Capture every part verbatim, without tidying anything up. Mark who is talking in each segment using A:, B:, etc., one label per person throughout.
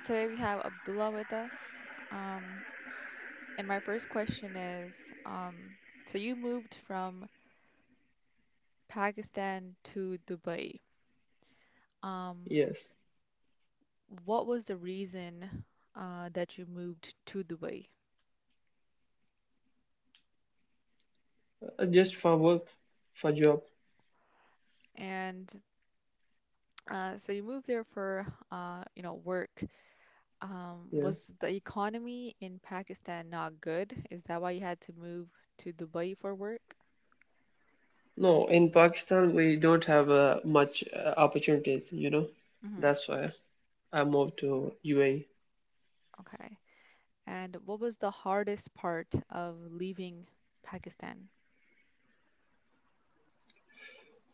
A: today we have Abdullah with us. Um, and my first question is, um, so you moved from Pakistan to Dubai. Um,
B: Yes,
A: what was the reason uh, that you moved to Dubai?
B: uh, just for work, for job.
A: And uh, so you moved there for uh, you know, work. Um,
B: Yeah.
A: was the economy in Pakistan not good? Is that why you had to move to Dubai for work?
B: No, in Pakistan we don't have uh, much uh, opportunities, you know.
A: Hmm.
B: That's why I moved to U A E.
A: Okay. And what was the hardest part of leaving Pakistan?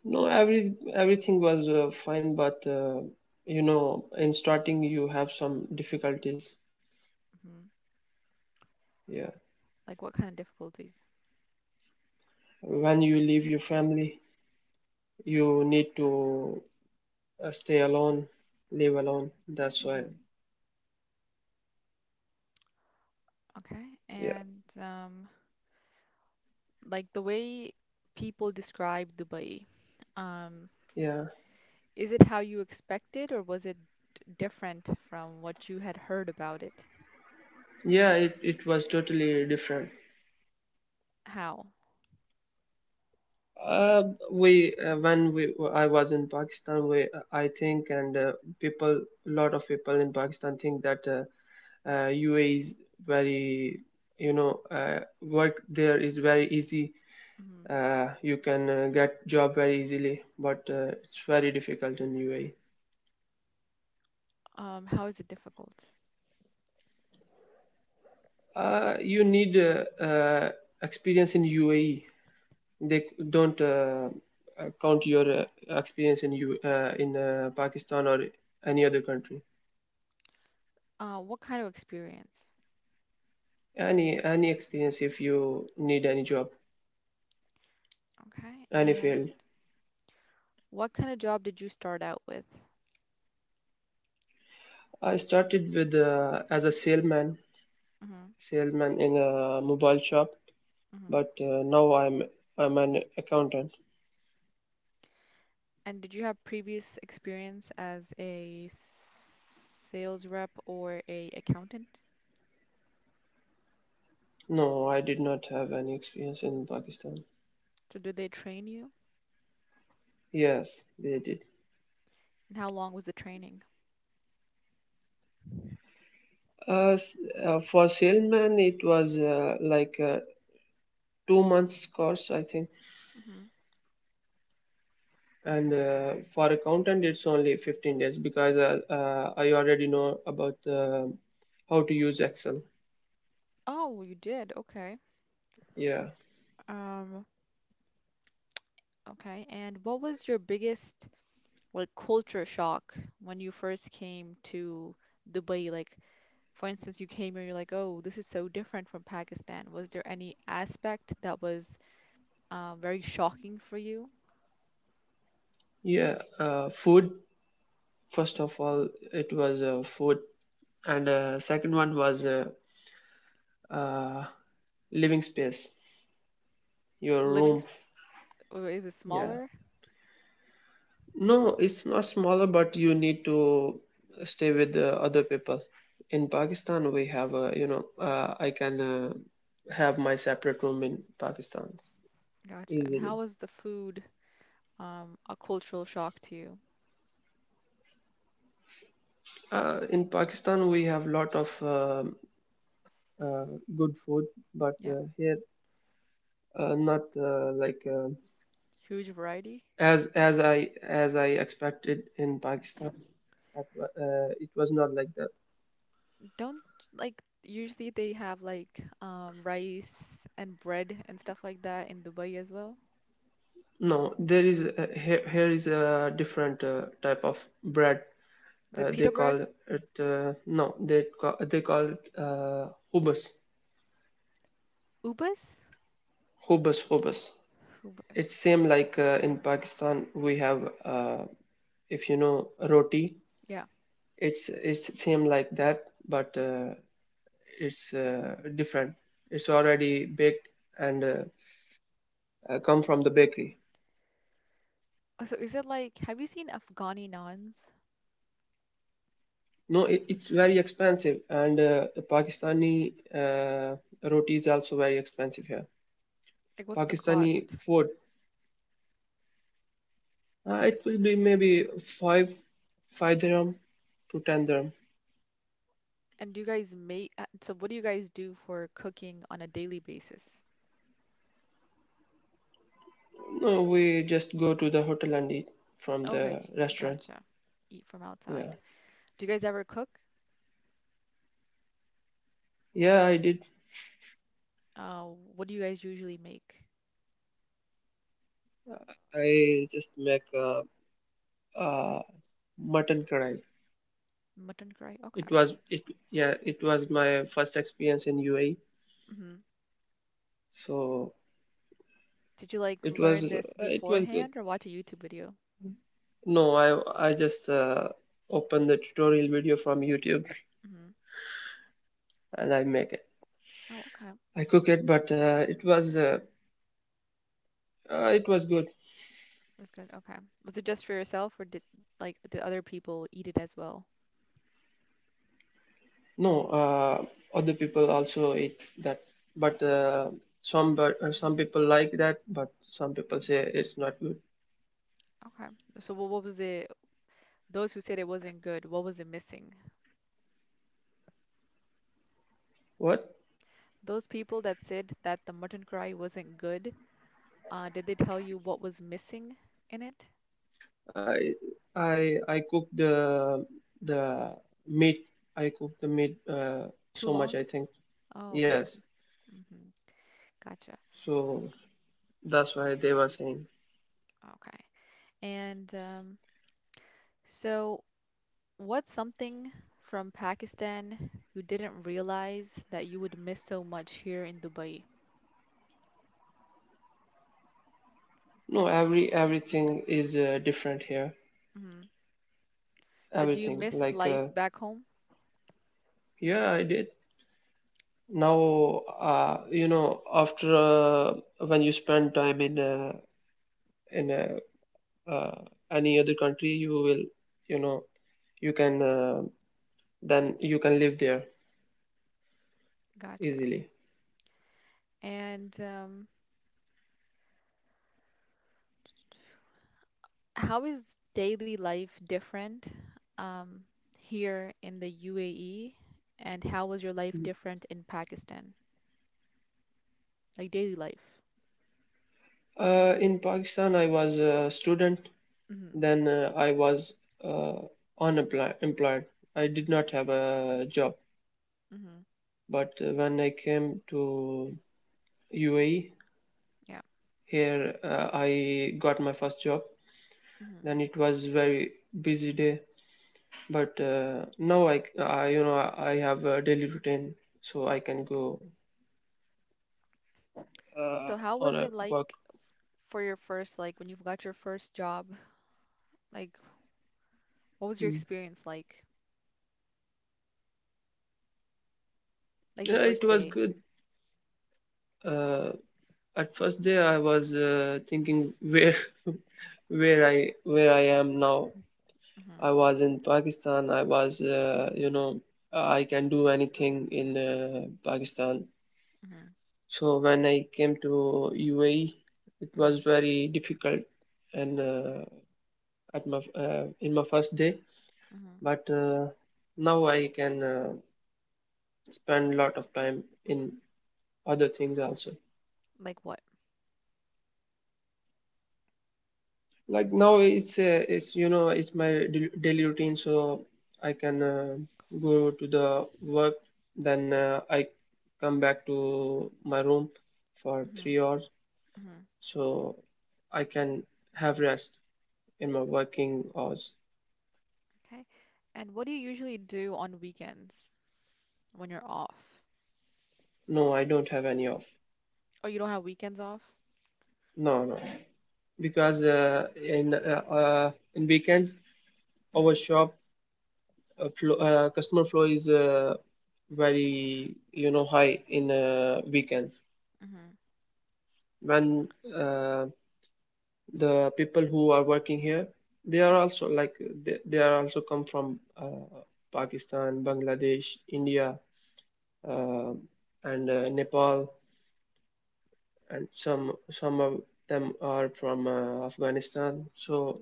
B: No, every everything was uh, fine, but uh, you know, in starting you have some difficulties.
A: Hmm.
B: Yeah.
A: Like what kind of difficulties?
B: When you leave your family, you need to uh, stay alone, live alone. That's why.
A: Hmm. Okay.
B: Yeah.
A: And um, like the way people describe Dubai, um,
B: Yeah.
A: is it how you expected or was it d- different from what you had heard about it?
B: Yeah, it, it was totally different.
A: How?
B: Uh, we uh, when we I was in Pakistan, we uh, I think and uh, people, a lot of people in Pakistan think that uh, uh, U A E is very, you know, uh, work there is very easy.
A: Hmm.
B: Uh, you can uh, get job very easily, but uh, it's very difficult in U A E.
A: Um, how is it difficult?
B: Uh, you need uh, uh, experience in U A E. They don't uh, uh, count your uh, experience in you uh, in uh, Pakistan or any other country.
A: Uh, what kind of experience?
B: any any experience if you need any job
A: Okay.
B: any
A: And
B: field.
A: what kind of job did you start out with?
B: I started with uh, as a salesman,
A: Hmm.
B: salesman in a mobile shop,
A: Hmm.
B: but uh, now i'm i'm an accountant.
A: And did you have previous experience as a sales rep or a accountant?
B: No, I did not have any experience in Pakistan.
A: So did they train you?
B: Yes, they did.
A: And how long was the training?
B: uh, s- uh, for salesman it was uh, like a two months course, I think,
A: Hmm.
B: and uh, for accountant it's only fifteen days because uh, uh, I already know about uh, how to use Excel.
A: Oh, you did. Okay.
B: Yeah.
A: Um, okay. And what was your biggest like culture shock when you first came to Dubai? Like, for instance, you came here, you're like, oh, this is so different from Pakistan. Was there any aspect that was uh, very shocking for you
B: Yeah, uh, food. First of all, it was uh, food, and uh, second one was uh, uh, living space, your
A: living? f-
B: room.
A: Or it was
B: Yeah,
A: smaller?
B: no, it's not smaller, but you need to stay with uh, other people. In Pakistan, we have uh, you know uh, I can uh, have my separate room in Pakistan
A: Gotcha. And
B: easily.
A: how was the food um a cultural shock to you?
B: Uh, in Pakistan, we have lot of um uh, good food, but
A: Yeah.
B: uh, here uh, not uh, like. Uh,
A: Huge variety.
B: as as I as I expected in Pakistan, at uh, it was not like that.
A: Don't like usually they have like um rice and bread and stuff like that in Dubai as well.
B: No, there is a, here, here is a different uh, type of bread.
A: The
B: Uh, they
A: pita bread?
B: call it uh, no, they call they call it uh, hubas,
A: Ubas?
B: hubas, hubas. It's
A: Ubas.
B: same like uh, in Pakistan we have, uh, if you know, roti.
A: Yeah.
B: It's it's same like that, but uh, it's uh, different. It's already baked and uh, uh, come from the bakery.
A: Oh, so is it like have you seen Afghani naans?
B: No, it, it's very expensive, and uh, the Pakistani uh, roti is also very expensive here.
A: Like what's the
B: Pakistani
A: cost?
B: food, uh, it will be maybe five, five dirham to ten dirham.
A: And do you guys make uh, so what do you guys do for cooking on a daily basis?
B: No, we just go to the hotel and eat from the
A: Okay,
B: restaurant.
A: gotcha. Eat from outside.
B: Yeah,
A: Do you guys ever cook?
B: yeah, I did.
A: Uh, what do you guys usually make?
B: I just make a, a mutton kadai.
A: Mutton curry? Okay.
B: It was it yeah, it was my first experience in U A E,
A: Hmm.
B: so
A: Did you like
B: it
A: learn
B: was,
A: this
B: it was good.
A: beforehand or watch a YouTube video?
B: No, I I just uh, open the tutorial video from YouTube
A: Hmm.
B: and I make it.
A: Oh, okay.
B: I
A: It
B: cook it, but uh, it was uh, uh, it was good.
A: was good. Okay. Was it just for yourself or did like did other people eat it as well?
B: No, uh, other people also eat that, but uh, some but uh, some people like that, but some people say it's not good.
A: Okay. So what, what was it? Those who said it wasn't good, what was it missing?
B: What?
A: Those people that said that the mutton curry wasn't good, uh, did they tell you what was missing in it?
B: I I I cook the the meat. I cook the meat uh,
A: Too
B: so much,
A: long?
B: I think.
A: Oh, gotcha.
B: Yes.
A: Hmm. Gotcha.
B: So that's why they were saying.
A: Okay. And um, so what's something from Pakistan you didn't realize that you would miss so much here in Dubai?
B: No, every everything is uh, different here.
A: Hmm. So, do you
B: Everything
A: miss
B: like
A: life
B: uh,
A: back home?
B: yeah, I did. Now uh, you know after uh, when you spend time in uh, in uh, uh, any other country, you will, you know, you can uh, then you can live there
A: Gotcha.
B: easily.
A: And um, how is daily life different um, here in the U A E? And how was your life different in Pakistan? Like daily life.
B: Uh, in Pakistan, I was a student.
A: Mm-hmm.
B: Then uh, I was uh, unemployed. Employed. I did not have a job.
A: Mm-hmm.
B: But uh, when I came to U A E,
A: Yeah.
B: here uh, I got my first job.
A: Mm-hmm.
B: Then it was very busy day, but uh, now I, I you know I have a daily routine, so I can go uh,
A: So how
B: on
A: was
B: a
A: it
B: work.
A: like for your first, like when you got your first job? Like what was your
B: Mm.
A: experience like? Like
B: Yeah,
A: the
B: it
A: first
B: was
A: day.
B: good. Uh, at first day I was uh, thinking where where I where I am now. I
A: Mm-hmm.
B: was in Pakistan. I was uh, you know I can do anything in uh, Pakistan.
A: Mm-hmm.
B: So when I came to U A E, it was
A: Mm-hmm.
B: very difficult, and uh, at my uh, in my first day.
A: Mm-hmm.
B: But uh, now I can uh, spend a lot of time in other things also.
A: Like what?
B: Like now, it's uh, it's you know it's my dai- daily routine, so I can uh, go to the work, then uh, I come back to my room for three
A: Mm-hmm.
B: hours,
A: Mm-hmm.
B: so I can have rest in my working hours.
A: Okay. And what do you usually do on weekends when you're off?
B: No, I don't have any off.
A: Oh, you don't have weekends off?
B: No, no, because uh, in uh, uh, in weekends our
A: Mm-hmm.
B: shop uh, flow, uh, customer flow is uh, very you know high in uh, weekends,
A: Mm-hmm.
B: when uh, the people who are working here, they are
A: Yep.
B: also like they, they are also come from uh, Pakistan, Bangladesh, India, uh, and uh, Nepal, and some some of them are from uh, Afghanistan. So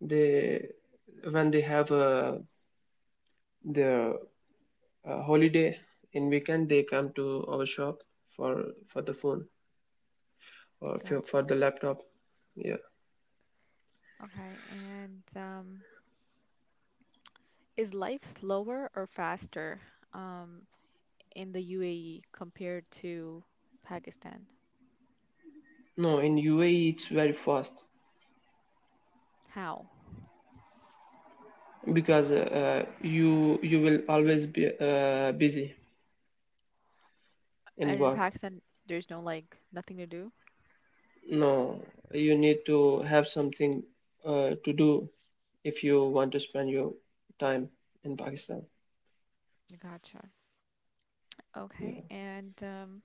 B: they, when they have uh, their uh, holiday in weekend, they come to our shop for for the phone or for, for
A: Gotcha.
B: the laptop. Yeah.
A: Okay. And um, is life slower or faster um, in the U A E compared to Pakistan?
B: No, in U A E it's very fast
A: How?
B: because uh, uh, you you will always be uh, busy in
A: And in
B: work.
A: Pakistan, there's no like nothing to do?
B: No, you need to have something uh, to do if you want to spend your time in Pakistan.
A: Gotcha.
B: Yeah.
A: Okay. And um,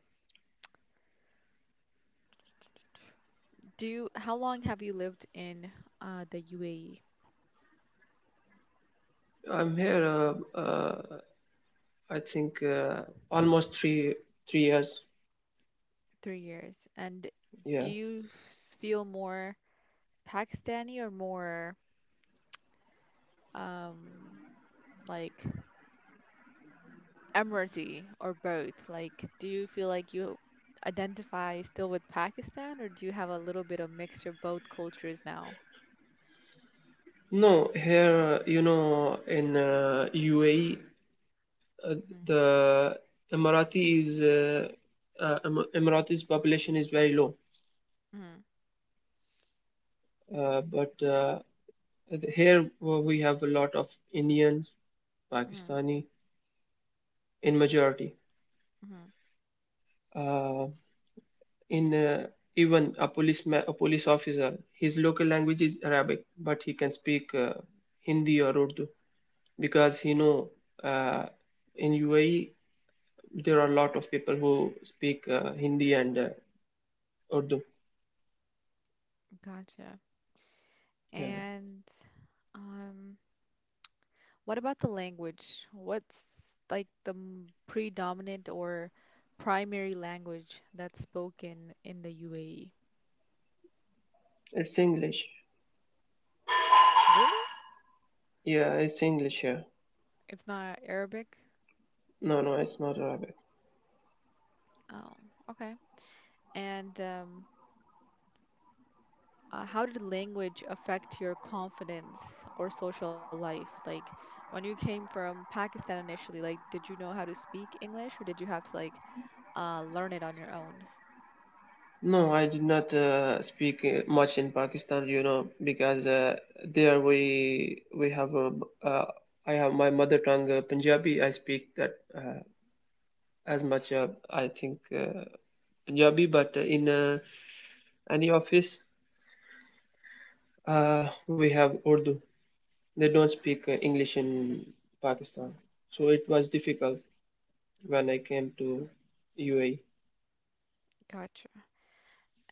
A: do you, how long have you lived in uh, the U A E?
B: I'm here uh, uh, I think uh, almost three three years.
A: Three years. And do
B: Yeah.
A: you s- feel more Pakistani or more um, like Emirati or both? Like, do you feel like you identify still with Pakistan or do you have a little bit of mixture of both cultures now?
B: No, here uh, you know in uh, U A E uh,
A: Hmm.
B: the Emirati is uh, uh, Em- Emirati's population is very low,
A: Hmm.
B: uh, but uh, here w- we have a lot of Indians,
A: Hmm.
B: Pakistani in majority.
A: Hmm.
B: Uh, in uh, Even a police ma- a police officer, his local language is Arabic, but he can speak uh, Hindi or Urdu, because you know uh, in U A E there are a lot of people who speak uh, Hindi and uh, Urdu.
A: Gotcha.
B: Yeah,
A: And um, what about the language? What's like the m- predominant or primary language that's spoken in the U A E?
B: it's English.
A: Really?
B: Yeah, it's English here.
A: It's not Arabic?
B: No, no, it's not Arabic.
A: Oh, okay. And um, uh, how did language affect your confidence or social life? Like when you came from Pakistan initially, like did you know how to speak English or did you have to like uh, learn it on your own?
B: No, I did not uh, speak uh, much in Pakistan, you know, because uh, there we we have a uh, I have my mother tongue, uh, Punjabi. I speak that uh, as much uh, I think uh, Punjabi, but uh, in uh, any office uh, we have Urdu. They don't speak uh, English in Pakistan, so it was difficult when I came to U A E.
A: Gotcha.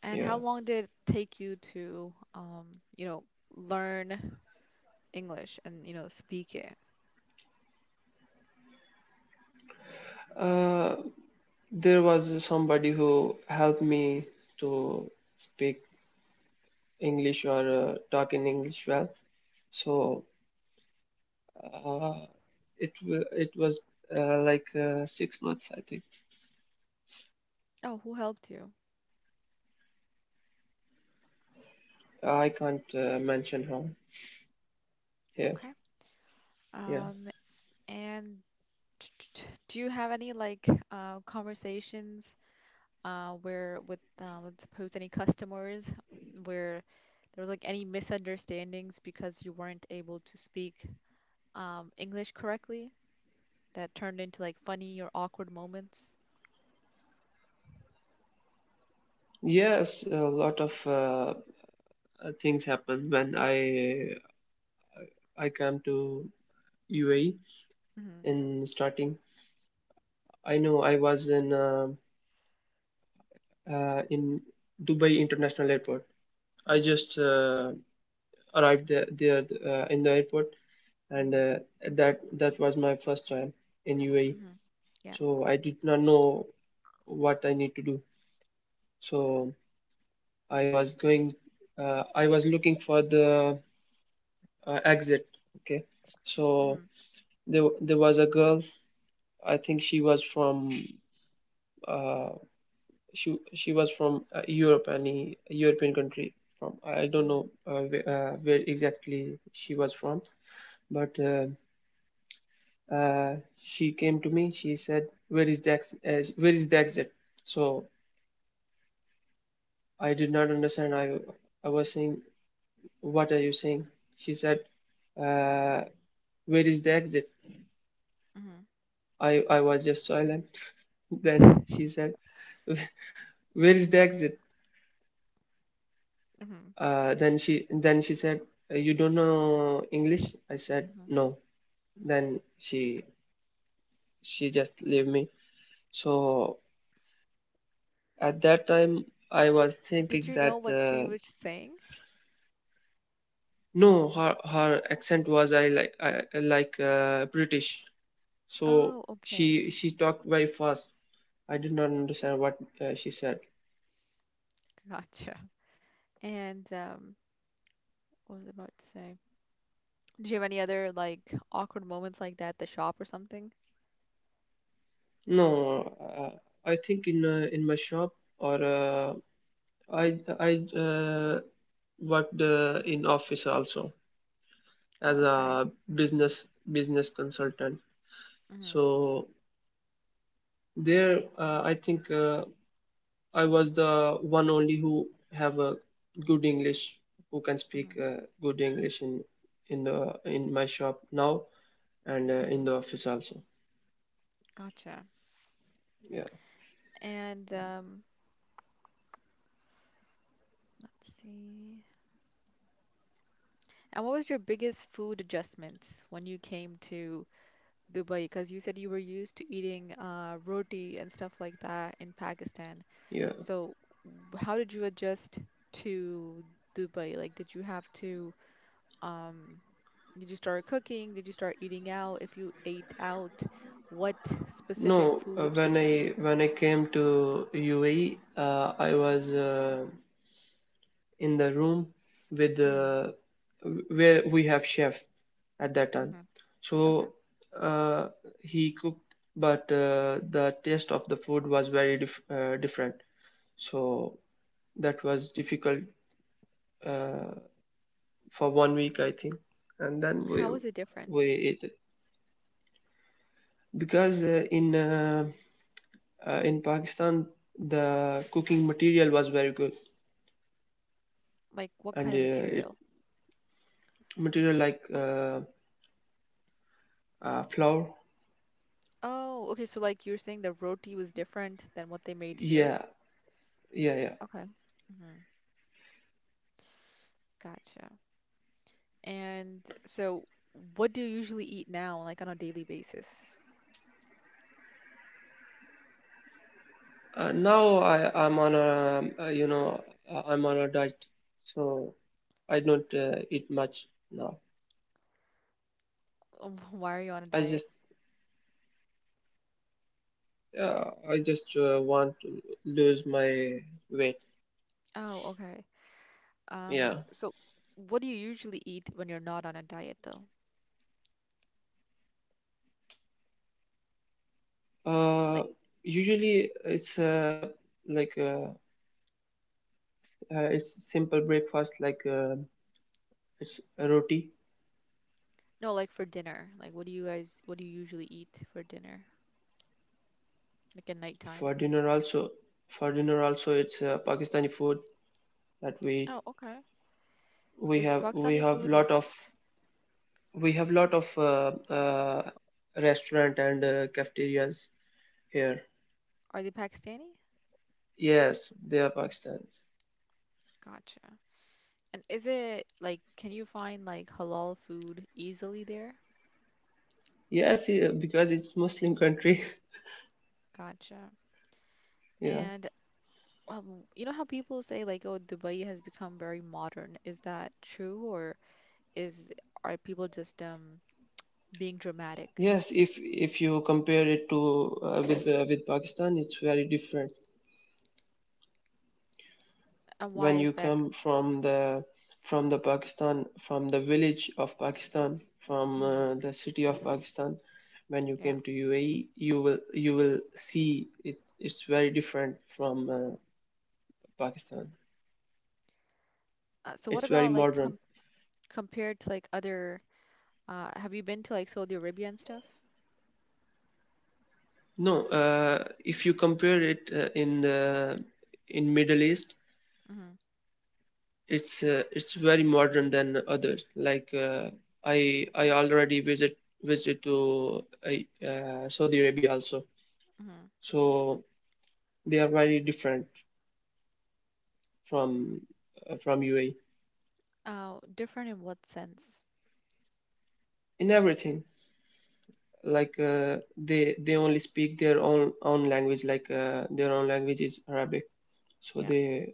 A: And how
B: Yeah,
A: long did it take you to um, you know, learn English and, you know, speak it.
B: uh, there was somebody who helped me to speak English or uh, talk in English well. So uh, it wa- it was uh, like uh, six months, I think.
A: Oh, who helped you?
B: I can't uh, mention her here.
A: Okay.
B: Yeah.
A: Um, and do you have any like uh, conversations uh, where with uh, let's suppose any customers where there was like any misunderstandings because you weren't able to speak um, English correctly that turned into like funny or awkward moments?
B: Yes, a lot of uh, uh, things happened when I I came to U A E
A: Mm-hmm.
B: in starting. I know I was in uh, uh, in Dubai International Airport. I
A: Mm-hmm.
B: just uh, arrived there, there uh, in the airport, and
A: Mm-hmm.
B: uh, that that was my first time in U A E.
A: Mm-hmm. Yeah.
B: So I did not know what I need to do. So I was going, uh, I was looking for the uh, exit. Okay, so
A: Mm-hmm.
B: there there was a girl. I think she was from, uh, she she was from uh, Europe, any European country from. I don't
A: Mm-hmm.
B: know uh, where, uh, where exactly she was from, but uh, uh, she came to me. She said, "Where is the ex- uh, where is the exit?" So I did not understand. I I was saying, "What are you saying?" She said, uh, "Where is the exit?" I I was just silent. Then
A: Mm-hmm.
B: she said, "Where is the exit?"
A: Mm-hmm.
B: Uh, then she then she said, "You don't know English?" I said,
A: Mm-hmm.
B: "No." Then she she just leave me, so at that time I was
A: Did
B: thinking
A: you
B: that
A: know what she
B: uh,
A: was saying?
B: no, her her accent was i like I, like uh, British, so
A: Oh, okay.
B: she she talked very fast. I did not understand what uh, she said.
A: Gotcha. And um, what was I about to say? Do you have any other like awkward moments like that at the shop or something?
B: No, uh, I think in uh, in my shop or uh, i i uh, worked uh, in office also
A: Oh,
B: as
A: okay.
B: a business, business consultant.
A: Mhm.
B: So there, uh, I think uh, I was the one only who have a good English, who can speak
A: Mhm.
B: uh, good English in in the in my shop now and
A: Mhm.
B: uh, in the office also.
A: Gotcha.
B: Yeah,
A: And um, let's see. And what was your biggest food adjustments when you came to Dubai? Because you said you were used to eating uh, roti and stuff like that in Pakistan.
B: yeah.
A: So w- how did you adjust to Dubai? Like, did you have to um did you start cooking? Did you start eating out? If you ate out, what specific
B: No, uh,
A: food did
B: when
A: you eat?
B: I when I came to U A E, uh, I was. Uh, in the room with
A: Mm-hmm.
B: uh, where we have chef at that time,
A: Hmm. Okay.
B: so uh, he cooked, but uh, the taste of the food was very dif- uh, different, so that was difficult uh, for one week, I think, and then
A: How
B: we
A: was it
B: we
A: different?
B: ate it, because uh, in uh, uh, in Pakistan the cooking material was very good,
A: Like, what kind
B: and uh,
A: of material?
B: it material like uh, uh, flour.
A: Oh, okay. So, like, you're saying the roti was different than what they made here?
B: Yeah. Yeah yeah.
A: Okay. Hmm. Gotcha. And so, what do you usually eat now, like on a daily basis?
B: Uh, now I am on a, uh, you know, uh, I'm on a diet, so I don't uh, eat much now.
A: Why are you on a
B: I
A: diet?
B: just uh, I just uh, want to lose my weight.
A: Oh, okay. Um,
B: Yeah.
A: so what do you usually eat when you're not on a diet, though? Like,
B: Uh, Usually it's uh, like uh, uh, it's simple breakfast like uh, it's a roti.
A: no, like for dinner. Like, what do you guys, what do you usually eat for dinner? Like at
B: for
A: nighttime.
B: dinner also for dinner also it's uh, Pakistani food that we
A: Oh, okay.
B: we
A: Is
B: have we
A: Pakistani
B: have
A: food,
B: lot of we have lot of uh, uh, restaurant and uh, cafeterias here.
A: are they Pakistani?
B: Yes, they are Pakistani.
A: Gotcha. And is it like, can you find like halal food easily there?
B: Yes, yeah, because it's Muslim country.
A: Gotcha.
B: Yeah.
A: And um, you know how people say like, oh, Dubai has become very modern. Is that true or is are people just um being dramatic?
B: Yes, if if you compare it to uh, with uh, with Pakistan, it's very different.
A: And
B: When
A: why
B: you
A: is that?
B: come from the from the Pakistan, from the village of Pakistan, from
A: Mhm,
B: uh, the city of Pakistan, when you came
A: yeah.
B: to U A E, you will you will see it. It's very different from uh, Pakistan.
A: Uh, so
B: It's
A: what
B: very
A: about like
B: modern.
A: com compared to like other uh, have you been to like Saudi Arabia and stuff?
B: No, uh, if you compare it uh, in the in Middle East,
A: Mm-hmm.
B: it's uh, it's very modern than others, like uh, i i already visit visit to uh, uh, Saudi Arabia also.
A: Mm-hmm.
B: So they are very different from uh, from UAE.
A: Oh, different in what sense?
B: In everything, like uh, they they only speak their own own language. Like uh, their own language is Arabic, so
A: Yeah.
B: they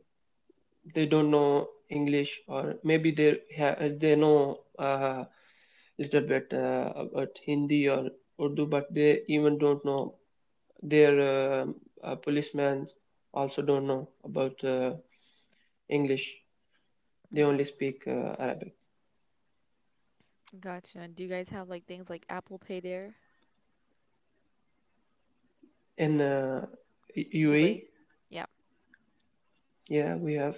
B: they don't know English, or maybe they ha- they know a uh, little bit uh, about Hindi or Urdu, but they even don't know their um uh, policemen also don't know about uh, English. They only
A: Mm-hmm.
B: speak uh, Arabic.
A: Gotcha. And do you guys have like things like Apple Pay there?
B: In uh,
A: Dubai?
B: U A E,
A: Yeah,
B: yeah, we have.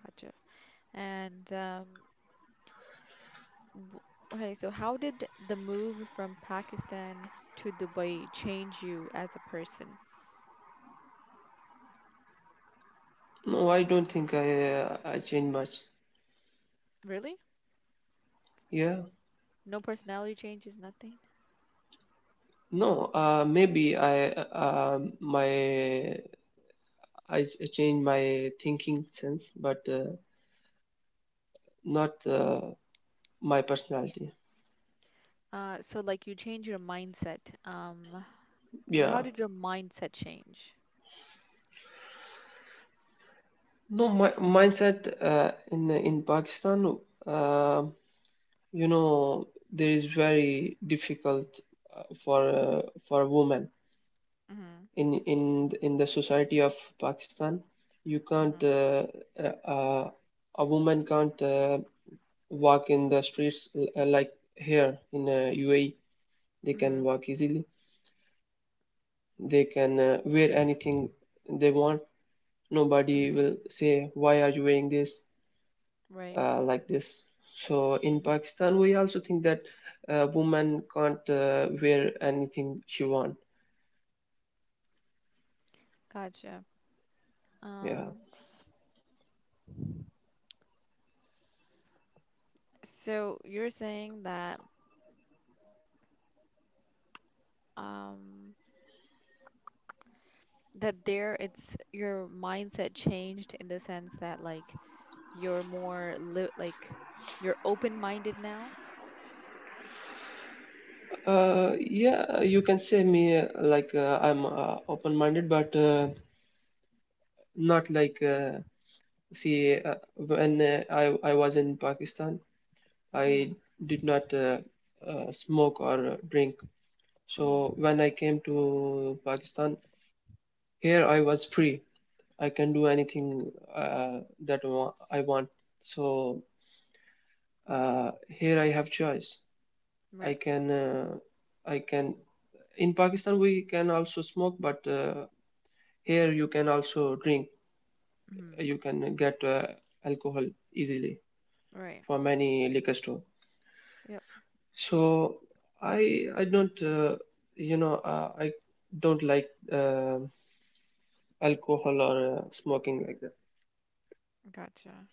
A: gotcha. And um, w okay, so how did the move from Pakistan to Dubai change you as a person?
B: No, I don't think I uh, I changed much.
A: Really?
B: Yeah,
A: No personality changes, nothing?
B: no, uh, maybe I uh, um, my I s- changed my thinking sense, but. Uh, not uh, my personality.
A: Uh, so like you change your mindset. Um, so
B: Yeah,
A: how did your mindset change?
B: no, my mindset, uh, in in Pakistan, uh, you know, there is very difficult uh, for uh, for a woman
A: Mm-hmm.
B: in in in the society of Pakistan. You can't
A: Mm-hmm.
B: uh, uh, uh, a woman can't uh, walk in the streets l- uh, like here in uh, U A E. They can walk easily. They can uh, wear anything they want. Nobody
A: Mm-hmm.
B: will say, why are you wearing this
A: Right.
B: uh, like this? So in Pakistan we also think that a woman can't uh, wear anything she want.
A: Gotcha.
B: Yeah,
A: Um, so you're saying that um that there it's your mindset changed in the sense that like you're more li like you're open-minded now?
B: uh, yeah, you can say me uh, like uh, I'm uh, open minded, but uh, not like uh, see, uh, when uh, i i was in Pakistan, I
A: Mm-hmm.
B: did not uh, uh, smoke or uh, drink. So
A: Mm-hmm.
B: when I came to Pakistan, here I was free. I can do anything uh, that wa- I want. So uh, here I have choice. I
A: Right.
B: can, uh, I can. In Pakistan we can also smoke, but uh, here you can also drink.
A: Mm-hmm.
B: You can get uh, alcohol easily
A: Right.
B: from any liquor store.
A: Yep.
B: So I, I don't, uh, you know, uh, I don't like uh, alcohol or uh, smoking like that.
A: Gotcha.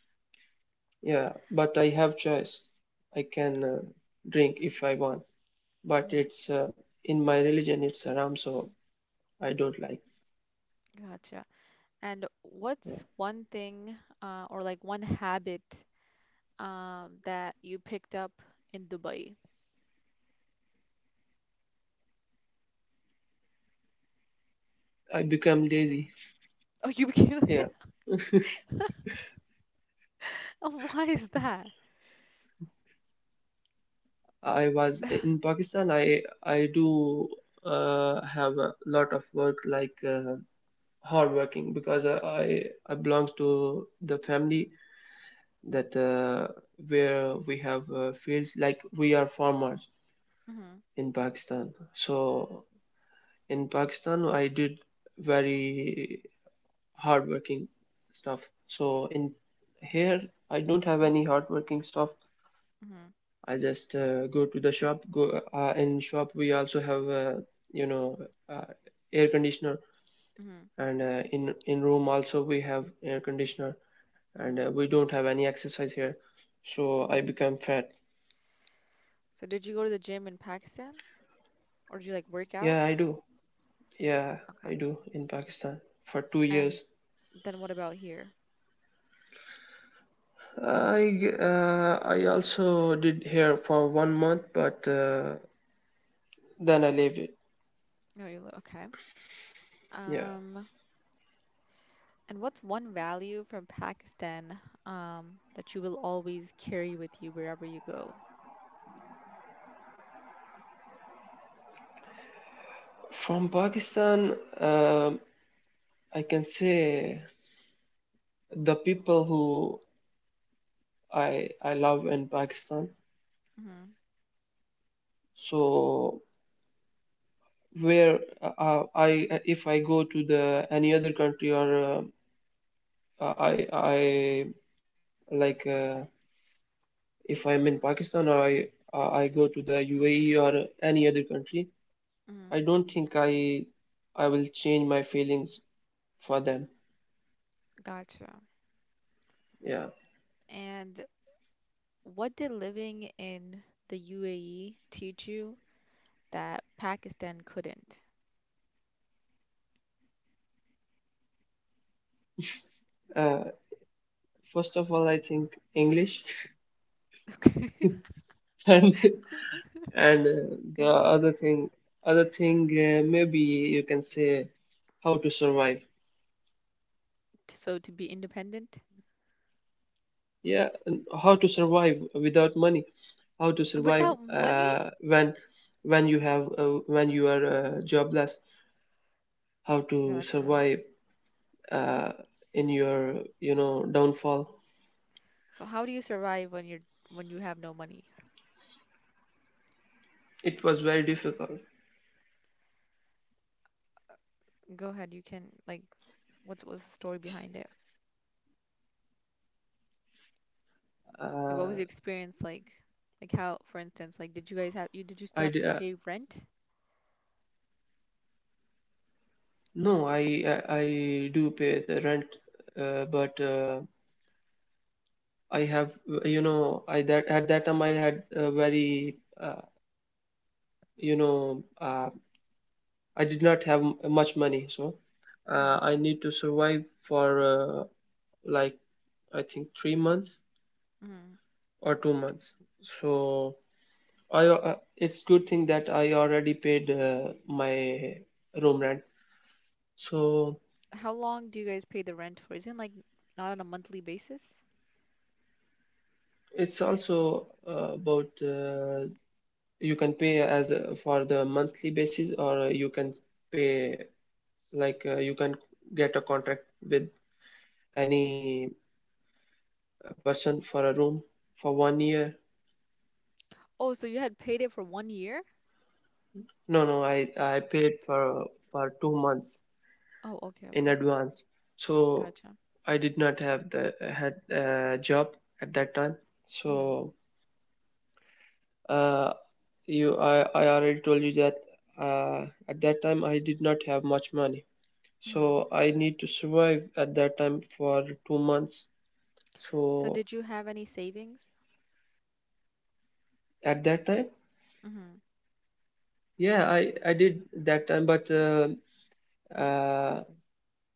B: Yeah, but I have choice. I can uh, drink if I want, but
A: Mm-hmm.
B: it's uh, in my religion it's haram, so I don't like.
A: Gotcha. And
B: uh,
A: what's one thing uh or like one habit um that you picked up in Dubai?
B: I become lazy
A: Oh, you became.
B: here.
A: Why is that?
B: I was in Pakistan, i i do uh, have a lot of work, like uh, hard working, because I i I belongs to the family that uh, where we have uh, fields, like we are farmers
A: Mm-hmm.
B: in Pakistan. So in Pakistan I did very hardworking stuff. So in here, I don't have
A: Mm-hmm.
B: any hardworking stuff.
A: Mm-hmm.
B: I just uh, go to the shop. Go uh, in shop. We also have uh, you know, uh, air conditioner, and uh, in in room also we have air conditioner, and
A: Mhm,
B: uh, we don't have any exercise here. So I
A: mhm.
B: become fat.
A: So did you go to the gym in Pakistan or did you like work out?
B: Yeah, I do. Yeah,
A: Okay.
B: I do in Pakistan for two
A: And
B: years.
A: then what about here?
B: I uh, I also did here for one month, but uh, then I left it.
A: Oh, you li- okay.
B: Yeah.
A: Um, and what's one value from Pakistan um that you will always carry with you wherever you go?
B: From Pakistan, um I can say the people who I I love in Pakistan.
A: Mhm,
B: So where, uh, I, if I go to the any other country, or uh, I I like, uh, if I'm in Pakistan, or I uh, I go to the U A E or any other country, I
A: mhm.
B: don't think I I will change my feelings for them.
A: Gotcha.
B: Yeah.
A: And what did living in the U A E teach you that Pakistan couldn't?
B: Uh, first of all, I think English.
A: Okay.
B: and And uh,
A: Okay.
B: the other thing, other thing, uh, maybe you can say how to survive.
A: So to be independent
B: Yeah, and how to survive without money. How to survive
A: without money?
B: uh, when when you have, uh, when you are uh, jobless. How to
A: Gotcha.
B: survive uh, in your, you know, downfall.
A: So how do you survive when you're when you have no money?
B: It was very difficult.
A: Go ahead, you can like what was the story behind it? Like what
B: Uh,
A: was your experience like? Like how, for instance, like did you guys have you did you still
B: I
A: have
B: d-
A: to
B: uh,
A: pay rent?
B: no, I, I I do pay the rent, uh, but. Uh, I have, you know, I, that at that time I had a very, uh, you know, uh, I did not have m- much money, so uh,
A: Hmm.
B: I need to survive for uh, like, I think three months
A: Hmm.
B: or two months. So I, uh, it's good thing that I already paid uh, my room rent. So
A: How long do you guys pay the rent for? Isn't like not on a monthly basis?
B: it's also uh, about, uh, you can pay as a, for the monthly basis, or you can pay like, uh, you can get a contract with any uh, person for a room for one year.
A: Oh, so you had paid it for one year?
B: No, no, i i paid for for two months
A: Oh, okay,
B: in
A: okay.
B: advance. So
A: Gotcha.
B: I did not have the had uh, job at that time.
A: Hmm.
B: So uh you I I already told you that uh at that time I did not have much money, so
A: Hmm.
B: I need to survive at that time for two months. So
A: So did you have any savings?
B: at that time,
A: Hmm.
B: yeah, I I did that time, but uh, uh,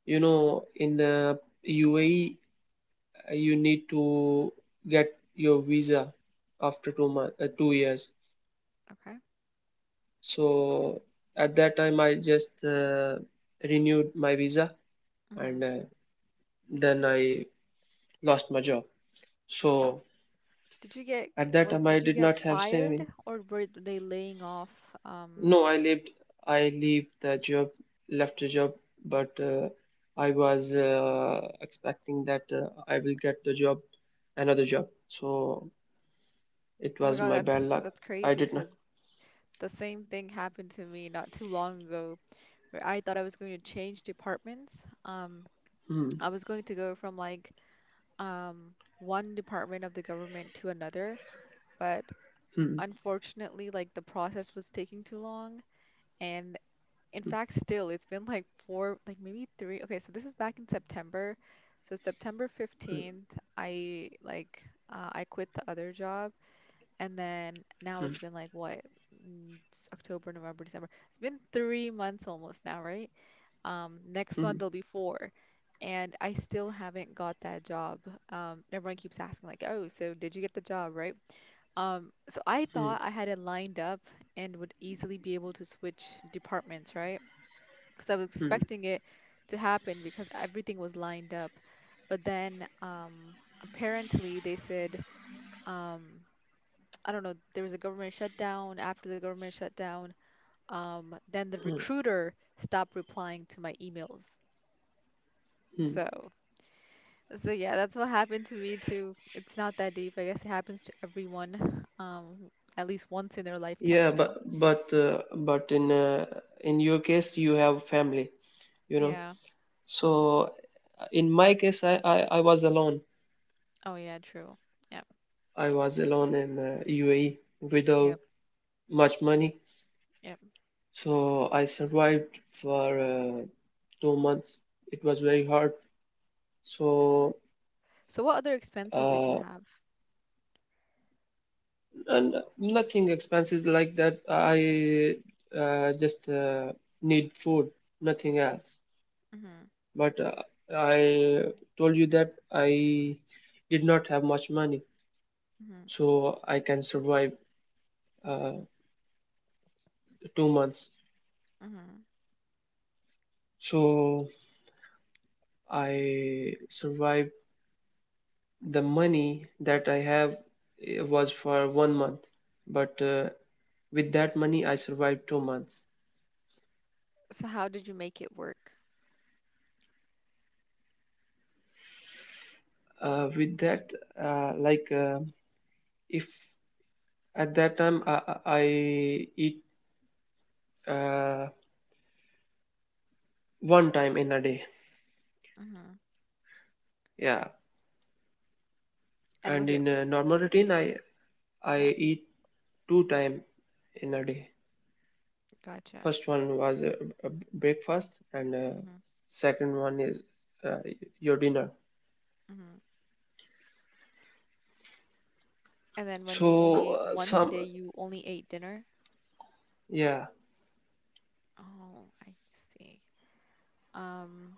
B: you know, in uh, U A E, uh, you need to get your visa after two month, uh, two years.
A: Okay.
B: So at that time, I just uh, renewed my visa, and
A: Hmm.
B: uh, then I lost my job. So
A: Did you get
B: at that
A: was
B: time, I
A: did you
B: did
A: get
B: not have
A: fired
B: savings.
A: or were they laying off um
B: No, I lived, I leave the job, left the job, but uh, I was uh, expecting that uh, I will get the job, another job. So it
A: oh my
B: was
A: God,
B: my bad
A: that's
B: luck.
A: that's
B: I
A: crazy
B: did not.
A: because the same thing happened to me not too long ago where I thought I was going to change departments. Um,
B: Hmm.
A: I was going to go from like um one department of the government to another, but
B: Hmm.
A: unfortunately, like the process was taking too long. And in
B: Hmm.
A: fact, still, it's been like four, like maybe three. Okay, so this is back in September. So September fifteenth, I like uh, I quit the other job and then now
B: Hmm.
A: it's been like what? mm, s- October, November, December. It's been three months almost now, right? Um, next
B: Hmm. Hmm.
A: month there'll be four. And I still haven't got that job. Um, everyone keeps asking, like, oh, so did you get the job, right? Um, so I
B: Hmm.
A: thought I had it lined up and would easily be able to switch departments, right? Because I was
B: Hmm.
A: expecting it to happen because everything was lined up. But then um, apparently they said um, I don't know, there was a government shutdown. After the government shutdown, um, then the
B: Hmm.
A: recruiter stopped replying to my emails.
B: Hmm.
A: So, so yeah, that's what happened to me too. It's not that deep. I guess it happens to everyone, um, at least once in their lifetime,
B: Yeah,
A: you
B: but
A: know?
B: but uh, but in uh, in your case, you have family, you know.
A: Yeah.
B: So in my case, I I, I was alone.
A: Oh yeah, true. Yep,
B: I was alone in uh, U A E without
A: yep,
B: much money.
A: yep.
B: So I survived for uh, two months. It was very hard. So
A: So what other expenses did you
B: uh,
A: have?
B: and nothing expenses like that. I uh, just uh, need food, nothing else.
A: Mm-hmm,
B: But uh, I told you that I did not have much money,
A: mm-hmm,
B: so I can survive uh, two months.
A: mm-hmm.
B: So I survived. The money that I have uh, was for one month, but uh, with that money I survived two months.
A: So how did you make it work?
B: uh, with that, uh, like, uh, if at that time i, I eat uh, one time in a day.
A: Mm-hmm.
B: Yeah,
A: And
B: and
A: was it,
B: in a normal routine, i i
A: yeah,
B: eat two time in a day.
A: gotcha.
B: First one was uh, uh, breakfast, and uh,
A: Mm-hmm,
B: second one is uh, your dinner.
A: mm-hmm. And then when you only
B: So
A: ate
B: uh,
A: once a day,
B: some
A: you only ate dinner?
B: yeah.
A: Oh, I see. Um,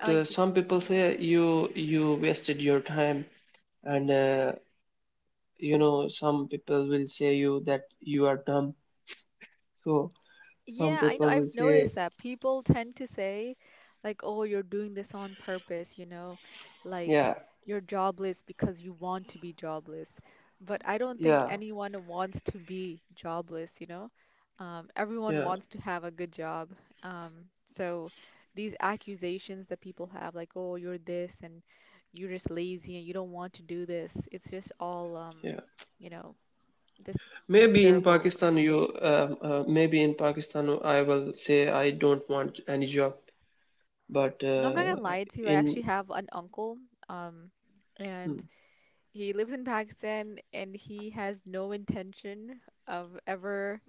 A: I like,
B: uh, some people say you you wasted your time, and uh, you know, some people will say you that you are dumb. So some
A: Yeah, I know.
B: people will
A: I've
B: say,
A: noticed that people tend to say, like, oh, you're doing this on purpose, you know, like
B: yeah,
A: you're jobless because you want to be jobless. But I don't think
B: yeah,
A: anyone wants to be jobless, you know. Um, everyone
B: yeah,
A: wants to have a good job. Um, so these accusations that people have, like, oh, you're this and you're just lazy and you don't want to do this, it's just all, um,
B: yeah.
A: you know, this just
B: Maybe in
A: terrible
B: Pakistan you
A: accusations.
B: um uh, maybe in Pakistan I will say I don't want any job. But
A: No, I'm not gonna lie to you.
B: uh,
A: I
B: in
A: actually have an uncle, um,
B: hmm,
A: and he lives in Pakistan and he has no intention of ever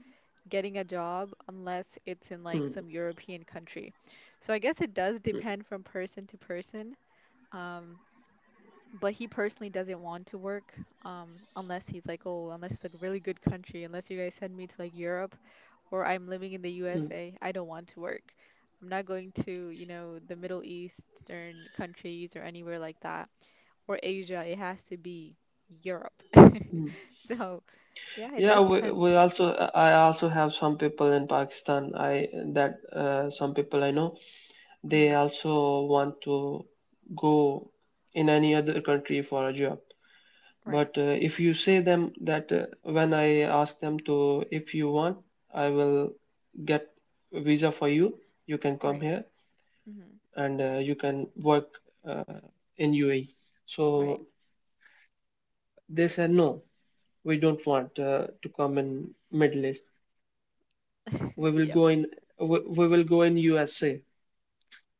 A: getting a job unless it's in like
B: hmm,
A: some European country. So I guess it does
B: hmm,
A: depend from person to person. Um, but he personally doesn't want to work, um, unless he's like, oh, unless it's like a really good country, unless you guys send me to like Europe or I'm living in the
B: hmm,
A: U S A, I don't want to work. I'm not going to, you know, the Middle Eastern countries or anywhere like that, or Asia. It has to be Europe.
B: hmm.
A: So, yeah, it
B: Yeah,
A: does
B: we,
A: depend.
B: we also, I also have some people in Pakistan. I that uh, Some people I know, they
A: Hmm.
B: also want to go in any other country for a job.
A: Right,
B: But uh, if you say them that, uh, when I ask them to, if you want, I will get visa for you. You can come
A: right.
B: here,
A: Hmm.
B: and uh, you can work uh, in U A E.
A: Right.
B: So they said, no, we don't want uh, to come in Middle East. We will
A: Yep.
B: go in. We, we will go in U S A.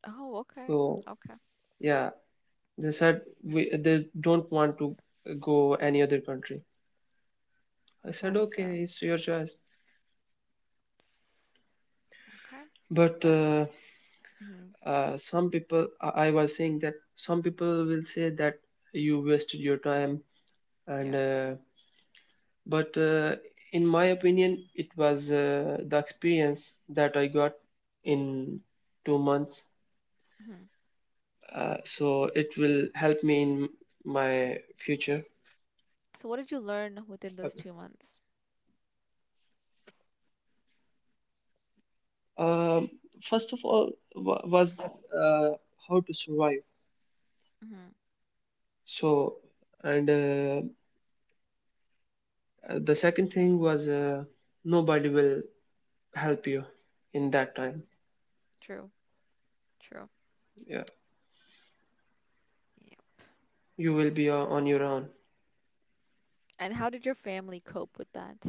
A: Oh, okay,
B: So
A: okay,
B: yeah, they said we, they don't want to go any other country. I said,
A: gotcha.
B: okay, it's your choice.
A: Okay,
B: But
A: that's
B: uh,
A: hmm,
B: uh, some people, i I was saying that some people will say that you wasted your time, and
A: yep.
B: uh, but uh, in my opinion, it was uh, the experience that I got in two months.
A: Hmm.
B: uh, so it will help me in my future.
A: So, what did you learn within those
B: Okay.
A: two months?
B: um, first of all, wa- was that uh, how to survive.
A: Hmm.
B: So, and uh, the second thing was uh, nobody will help you in that time.
A: True, true.
B: Yeah,
A: Yep.
B: you will be o- on your own.
A: And how did your family cope with that?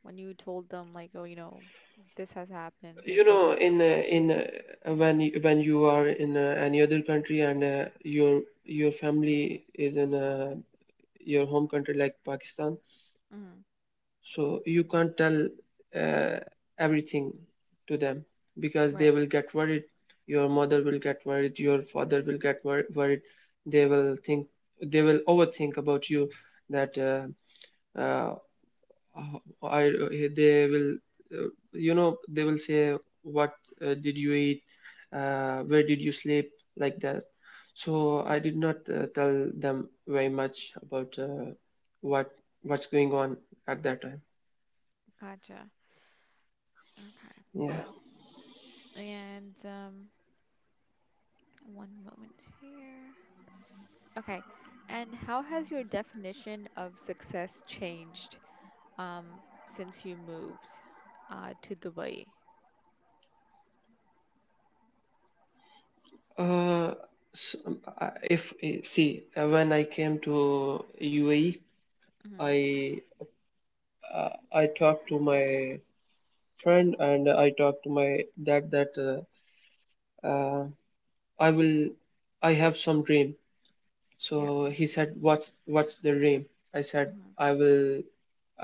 A: When you told them, like, oh, you know, this has happened, like,
B: You
A: what
B: know,
A: was their
B: in uh, in
A: reaction?
B: uh, when you, when you are in uh, any other country, and uh, your your family is in uh, your home country like Pakistan.
A: Mm,
B: So you can't tell uh, everything to them, because they
A: right.
B: will get worried. Your mother will get worried, your father will get wor- worried. they will think they will overthink about you, that uh, uh, uh, I they will uh, you know, they will say, what uh, did you eat, uh, where did you sleep, like that. So I
A: Mm,
B: did not uh, tell them very much about uh, what what's going on at that time.
A: gotcha. Okay.
B: Yeah.
A: And um, one moment here. Okay. And how has your definition of success changed, um, since you moved, uh, to Dubai?
B: uh, s- um, I- if eh, see, uh, when I came to U A E,
A: Mm-hmm.
B: I uh, I talked to my friend, and I talked to my dad that uh, uh, I will I have some dream.
A: Yeah.
B: So he said, what's what's the dream? I said,
A: Mm-hmm.
B: I will,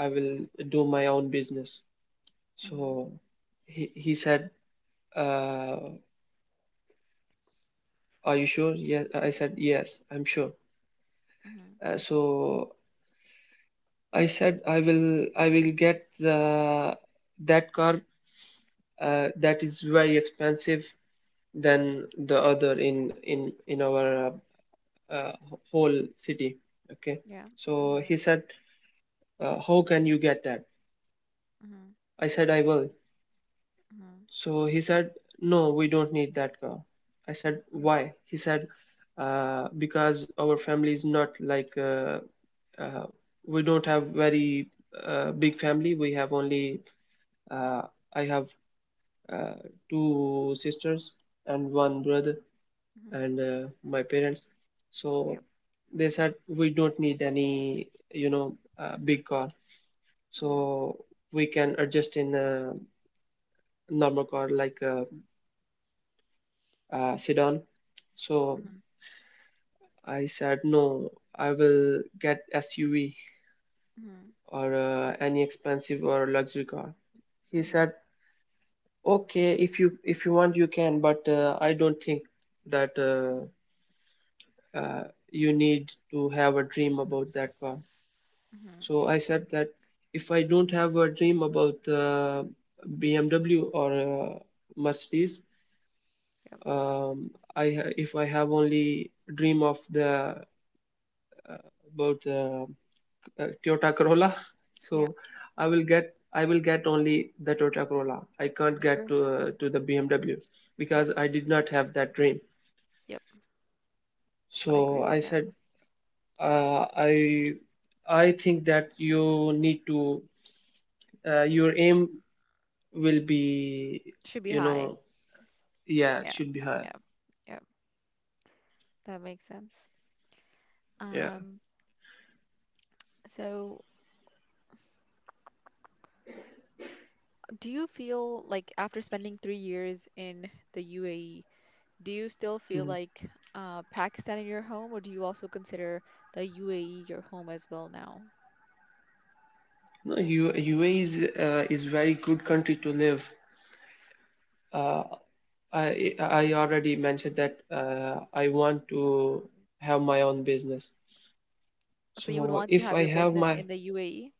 B: I will do my own business.
A: Mm-hmm.
B: So he he said, uh, are you sure? Yes. I said, yes, I'm sure.
A: Mm-hmm.
B: Uh, so I said, I will I will get the that car uh, that is very expensive than the other in in in our uh, uh, whole city. Okay.
A: Yeah.
B: So
A: Mm-hmm.
B: he said, Uh, how can you get that?
A: Mm-hmm.
B: I said, I will.
A: Mm-hmm.
B: So he said, no, we don't need that car. I said,
A: Mm-hmm.
B: why? He said, uh, because our family is not like, uh, uh, we don't have very uh, big family. We have only, uh, I have uh, two sisters and one brother
A: Mm-hmm.
B: and uh, my parents. So
A: Yep.
B: they said, we don't need any, you know, uh, big car.
A: Mm-hmm.
B: So we can adjust in. Uh, normal car like a, a sedan. So
A: Mm-hmm.
B: I said, no, I will get S U V
A: Mm-hmm.
B: or uh, any expensive or luxury car. He
A: Mm-hmm.
B: said, okay, if you if you want, you can, but uh, I don't think that uh, uh, you need to have a dream about that car.
A: Mm-hmm.
B: So I said that if I don't have a dream about uh, B M W or uh, Mercedes,
A: Yep.
B: um, I ha- if I have only dream of the uh, about uh, uh, Toyota Corolla.
A: Yeah.
B: So I will get I will get only the Toyota Corolla. I can't
A: It's
B: get
A: true.
B: to uh, to the B M W because
A: Yes.
B: I did not have that dream.
A: Yep. I
B: So
A: agree with
B: I
A: that.
B: said, uh, I I think that you need to uh, your aim will be
A: Should be
B: you
A: high.
B: know yeah, it
A: Yeah.
B: should be higher.
A: Yeah. Yeah. That makes sense.
B: Yeah.
A: Um, so do you feel like after spending three years in the U A E, do you still feel
B: Hmm.
A: like uh, Pakistan is your home, or do you also consider the U A E your home as well now?
B: No, U UAE is uh, is very good country to live. Uh, I I already mentioned that uh, I want to have my own business.
A: So you would
B: So
A: want to
B: if
A: have
B: I
A: your
B: have
A: business
B: my.
A: in the U A E?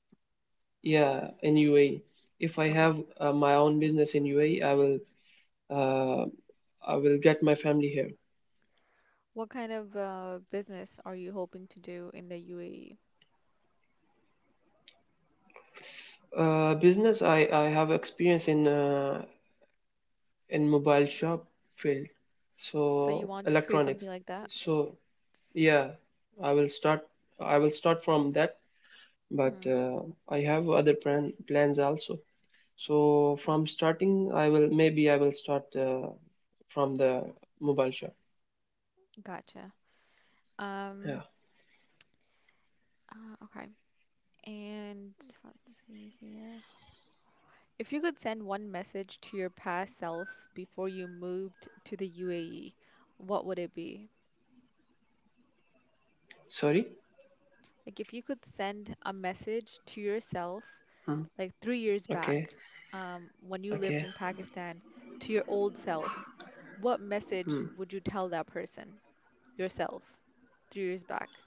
B: Yeah, in U A E, if I
A: Okay.
B: have uh, my own business in U A E, I will uh, I will get my family here.
A: What kind of uh, business are you hoping to do in the U A E?
B: Uh, business, I I have experience in uh, in mobile shop field,
A: So you
B: so
A: want to create
B: electronics.
A: something like that?
B: So yeah, I will start I will start from that, but
A: Hmm.
B: uh, I have other plan plans also. So
A: Okay.
B: from starting, I will, maybe I will start uh, from the mobile shop.
A: Gotcha. Um,
B: Yeah.
A: Uh, okay. And let's see here. If you could send one message to your past self before you moved to the U A E, what would it be?
B: Sorry.
A: Like, if you could send a message to yourself,
B: Hmm.
A: like three years
B: Okay.
A: back, um, when you lived
B: Okay.
A: in Pakistan, to your old self, what message
B: Hmm.
A: would you tell that person, yourself, three years back?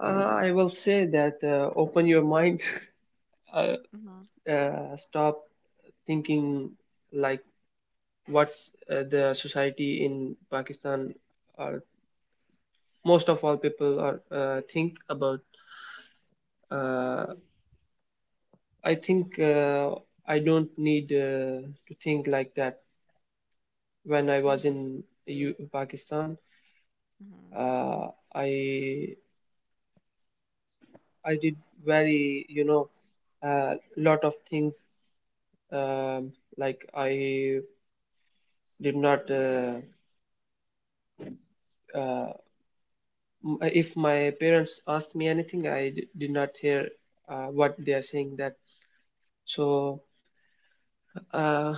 B: Uh, I will say that uh, open your mind. uh,
A: Mm-hmm.
B: uh, stop thinking like what's uh, the society in Pakistan or most of all people are uh, think about. Uh, I think uh, I don't need uh, to think like that when I was
A: Mm-hmm.
B: in U- Pakistan.
A: Mm-hmm.
B: uh, I I did very, you know uh, lot of things, um, like I did not uh, uh, m- if my parents asked me anything I d- did not hear uh, what they are saying that. So uh,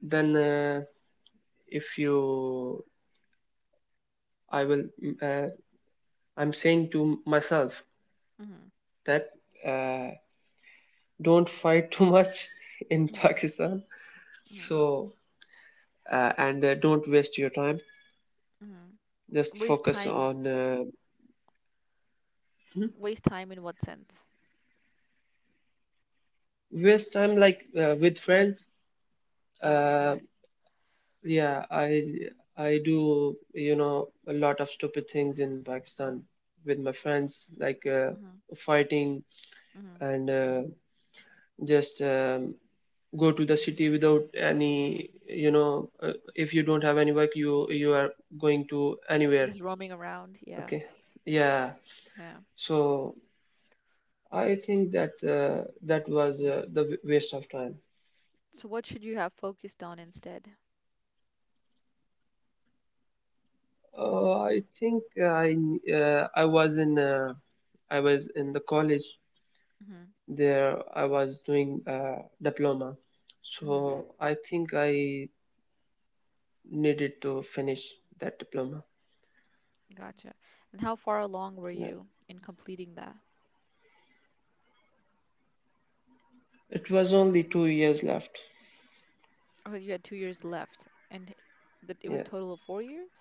B: then uh, if you, I will mm, uh, I'm saying to myself
A: Mm-hmm.
B: that uh, don't fight too much in Pakistan.
A: Mm-hmm.
B: So uh, and uh, don't waste your time, just
A: Mm-hmm. Waste
B: focus
A: time,
B: on uh, Mhm.
A: waste time in what sense?
B: Waste time like uh, with friends
A: Oh, okay.
B: uh, yeah, i i do, you know a lot of stupid things in Pakistan with my friends, like uh,
A: Hmm.
B: fighting
A: Hmm.
B: and uh, just um, go to the city without any, you know uh, if you don't have any work, you you are going to anywhere.
A: Just, mhm, roaming around. Yeah.
B: Okay. Yeah.
A: Yeah.
B: So I think that uh, that was uh, the w- waste of time.
A: So what should you have focused on instead?
B: Uh, I think I uh, I was in uh, I was in the college
A: Hmm.
B: there. I was doing uh, diploma,
A: Hmm.
B: so I think I needed to finish that diploma.
A: Gotcha. And how far along were
B: Yeah.
A: you in completing that?
B: It was only two years left.
A: Oh, you had two years left, and that it was
B: Yeah.
A: total of four years?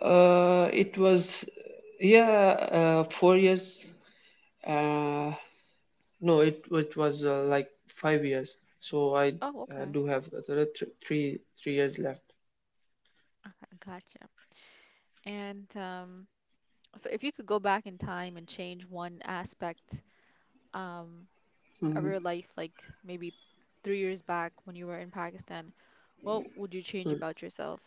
B: Uh, it was yeah uh, four years. Uh, no, it it was uh, like five years. So I
A: Oh,
B: uh,
A: okay.
B: do have another th- three three years left.
A: Okay, gotcha. And um, so if you could go back in time and change one aspect um, of
B: Mhm.
A: your life, like maybe three years back when you were in Pakistan, what would you change about yourself?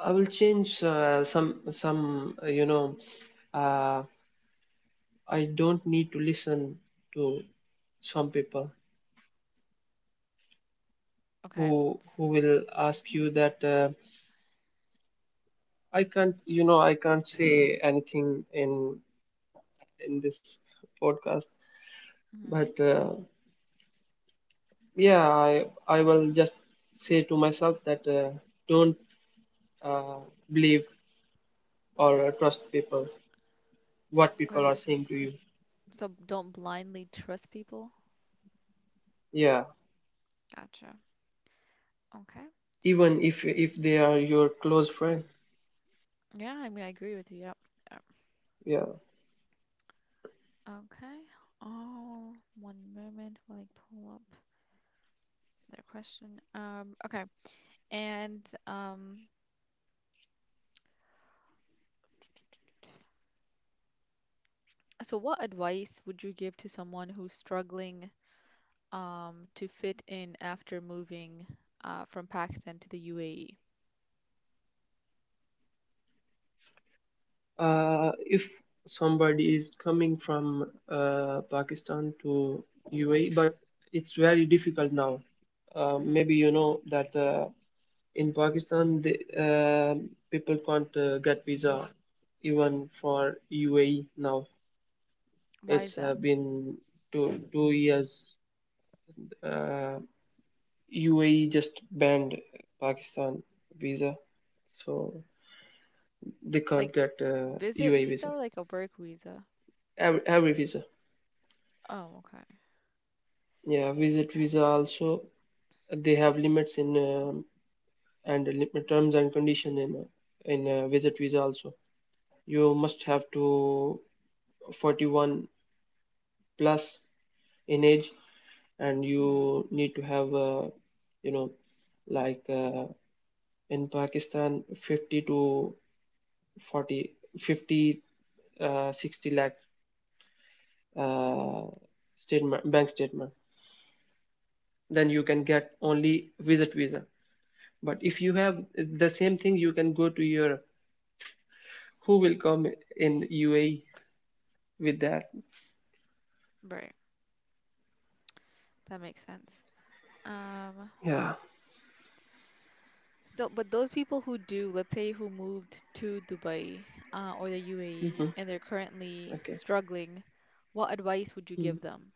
B: I will change uh, some some uh, you know uh, I don't need to listen to some people
A: Okay.
B: who who will ask you that uh, I can't, you know I can't say anything in in this podcast, but uh, yeah, I I will just say to myself that uh, don't uh, believe or uh, trust people, what
A: Okay,
B: people
A: so,
B: are saying to you.
A: so don't blindly trust people.
B: Yeah,
A: Gotcha. Okay.
B: even if if they are your close friends.
A: Yeah, I mean, I agree with you. Yep. Yep.
B: Yeah.
A: Okay. Oh, one moment while I pull up their question. Um, okay. And um, so what advice would you give to someone who's struggling um to fit in after moving uh from Pakistan to the U A E?
B: Uh, if somebody is coming from uh, Pakistan to U A E, but it's very difficult now. Uh,
A: Hmm.
B: maybe you know that uh, in Pakistan, the, uh, people can't uh, get visa even for U A E now.
A: Why is
B: It's uh,
A: that?
B: been two two years. Uh, U A E just banned Pakistan visa, so they
A: Like
B: can't get uh,
A: visit
B: U A E
A: visa
B: visa.
A: or like a work visa?
B: Every, every visa.
A: Oh, okay.
B: Yeah, visit visa also, they have limits in um and limit terms and condition in uh, in uh, visit visa also. You must have to forty-one plus in age, and
A: Hmm.
B: you need to have uh, you know, like uh, in Pakistan fifty to forty fifty uh, sixty lakh uh, statement, bank statement. Then you can get only visit visa. But if you have the same thing, you can go to your who will come in U A E with that?
A: Right. That makes sense. Um,
B: Yeah.
A: So, but those people who do, let's say who moved to Dubai, uh, or the U A E
B: Hmm.
A: and they're currently
B: Okay.
A: struggling, what advice would you give
B: Mm.
A: them?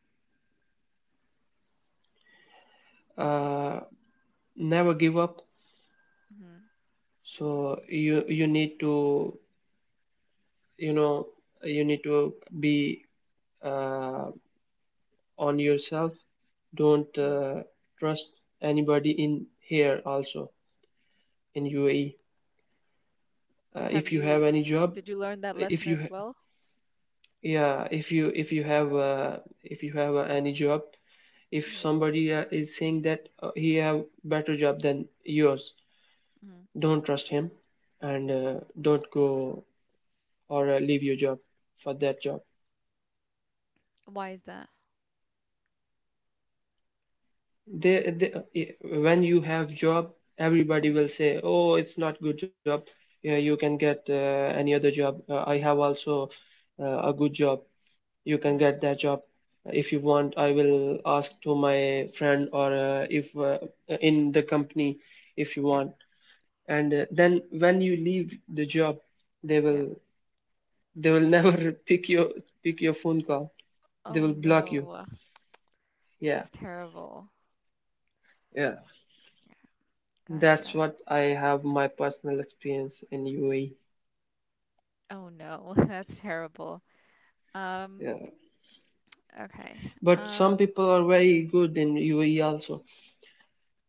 B: Uh, Never give up.
A: Hmm.
B: So you you need to, you know you need to be uh, on yourself. Don't
A: Hmm.
B: uh, trust anybody in here also in U A E. Uh,
A: Have
B: if you have
A: you,
B: any job,
A: did you learn that
B: if
A: lesson
B: you
A: as
B: ha-
A: well?
B: yeah, if you if you have uh, if you have uh, any job, if
A: Hmm.
B: somebody uh, is saying that uh, he have better job than yours,
A: Hmm.
B: don't trust him, and uh, don't go or uh, leave your job for that job.
A: Why is that?
B: They, they, uh, i- when you have job, everybody will
A: Hmm.
B: say, "Oh, it's not good job. Yeah, you can get uh, any other job. Uh, I have also uh, a good job. You can
A: Hmm.
B: get that job." If you want, I will ask to my friend, or uh, if uh, in the company, if you
A: Yeah,
B: want. And uh, then when you leave the job, they
A: yeah.
B: will, they will never pick your pick your phone call, they
A: Oh
B: will block you.
A: no,
B: Yeah.
A: that's terrible.
B: Yeah, that's
A: Gotcha.
B: what I have my personal experience in UAE.
A: Oh no, that's terrible. Um,
B: Yeah,
A: okay.
B: but some
A: Um,
B: people are very good in UAE also.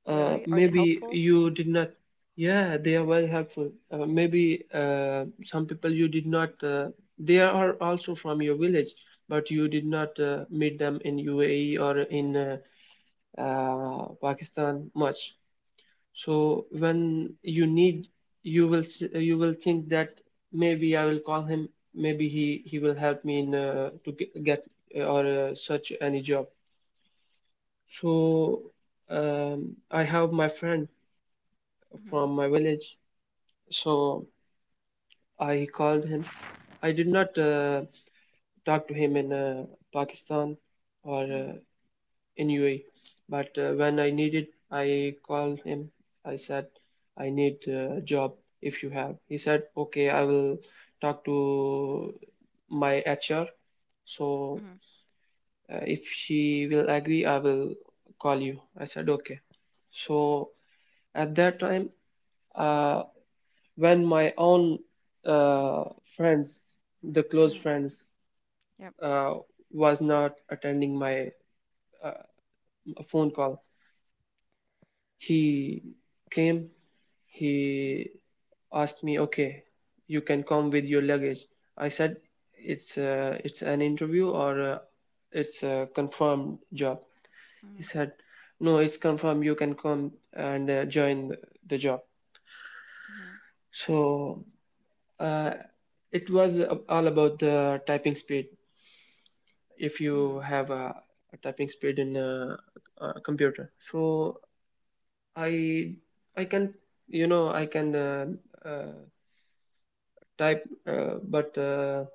B: uh,
A: Really? Are they
B: Maybe
A: helpful?
B: you did not. Yeah, they are very helpful. Uh, maybe uh, some people you did not uh, they are also from your village, but you did not uh, meet them in UAE or in uh, uh, Pakistan much. So when you need, you will s- you will think that maybe I will call him. Maybe he he will help me in uh, to ge- get uh, or uh, search any job. So um, I have my friend
A: Mm-hmm.
B: from my village. So I called him. I did not uh, talk to him in uh, Pakistan or. Uh,
A: Mm-hmm.
B: in U A E. But uh, when I needed, I called him. I said, I need uh, a job if you have. He said, okay, I will talk to my H R. So uh, if she will agree, I will call you. I said, okay. So at that time, uh, when my own uh, friends, the close
A: Mm-hmm.
B: friends,
A: Yep.
B: uh, was not attending my uh, phone call, he came. He
A: Mm-hmm.
B: asked me, "Okay, you can come with your luggage." I said, "It's uh, it's an interview, or uh, it's a confirmed job." He said, "No, it's confirmed. You can come and uh, join the job."
A: Mhm,
B: So uh, it was all about the typing speed. If you
A: mhm,
B: have a, a typing speed in a, a computer, so I I can, you know I can uh, uh, type, uh, but uh,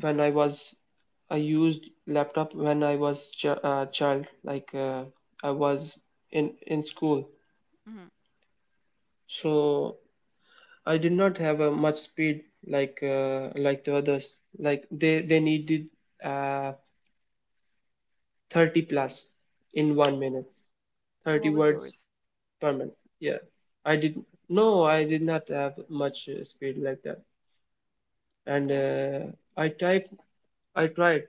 B: when I was, I used laptop when I was ch uh, child, like uh, I was in in school,
A: mhm.
B: so I did not have a much speed like uh, like the others. Like they they needed uh, thirty plus in one minute,
A: And
B: thirty
A: what was
B: words
A: yours?
B: per minute. Yeah, I did, no, I did not have much uh, speed like that, and
A: Okay.
B: uh, I typed I tried,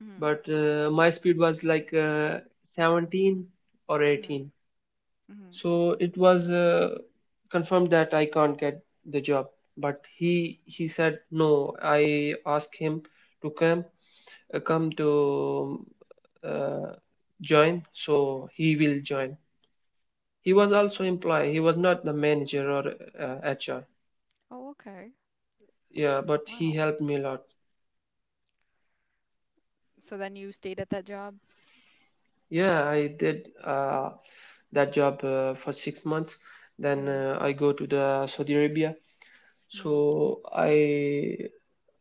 A: Mhm,
B: but uh, my speed was like uh, seventeen or
A: mhm,
B: eighteen,
A: mhm.
B: so it was uh, confirmed that I can't get the job. But he he said, no, I asked him to come uh, come to uh, join, so he will join. He was also employee, he was not the manager or uh, HR.
A: Oh, okay.
B: Yeah, but he
A: Wow.
B: helped me a lot.
A: So then you stayed at that job?
B: Yeah, I did uh, that job uh, for six months. Then
A: Mhm,
B: uh, I go to the Saudi Arabia.
A: mhm,
B: So I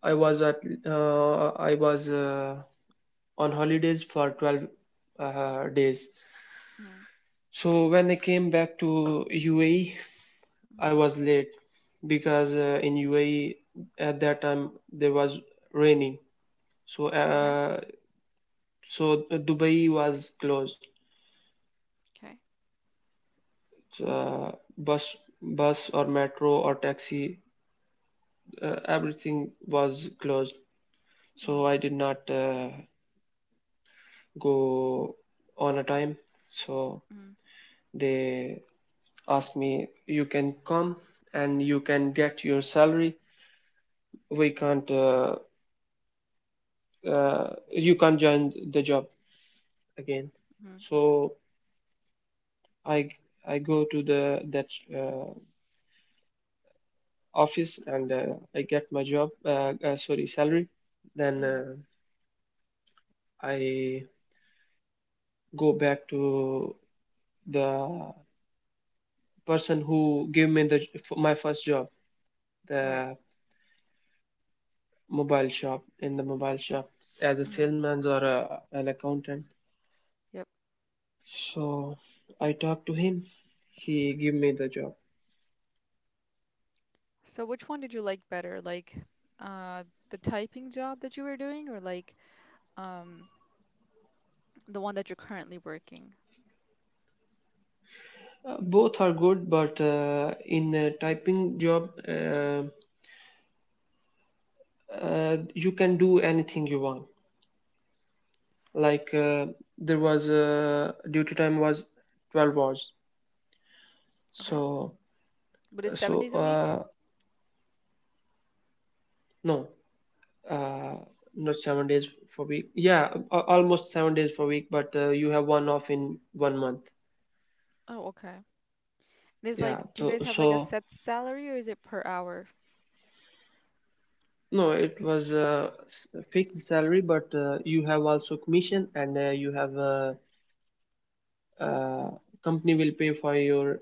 B: I was at uh, I was uh, on holidays for twelve uh, days.
A: mhm,
B: So when I came back to U A E, I
A: mhm.
B: was late because uh, in U A E at that time there was raining. So
A: Okay.
B: uh, so Dubai was closed.
A: Okay.
B: uh, bus bus or metro or taxi, uh, everything was closed, so
A: Mhm,
B: I did not uh, go on a time. So
A: mhm,
B: they asked me, you can come and you can get your salary, we can't uh, uh, you can't join the job again.
A: mhm,
B: So i i go to the that uh, office and uh, I get my job uh, uh, sorry, salary. Then
A: mhm.
B: uh, I go back to the person who gave me the my first job,
A: Right.
B: the mobile shop. In the mobile shop as a
A: Mhm.
B: salesman or a, an accountant.
A: Yep.
B: So I talked to him, he gave me the job.
A: So which one did you like better? Like, uh, the typing job that you were doing, or like, um, the one that you're currently working?
B: Uh, both are good, but uh, in a typing job, uh, uh, you can do anything you want. Like uh, there was, uh, duty time was twelve hours.
A: Okay.
B: So
A: But it's seven
B: so
A: days a week?
B: uh, no, uh not seven days for week, yeah, a- almost seven days for week, but uh, you have one off in one month.
A: Oh, okay. There's like,
B: Yeah,
A: do you
B: so
A: guys have like a
B: so
A: set salary, or is it per hour?
B: no, it was a s- a fixed salary, but uh, you have also commission, and uh, you have uh uh, company will pay for your,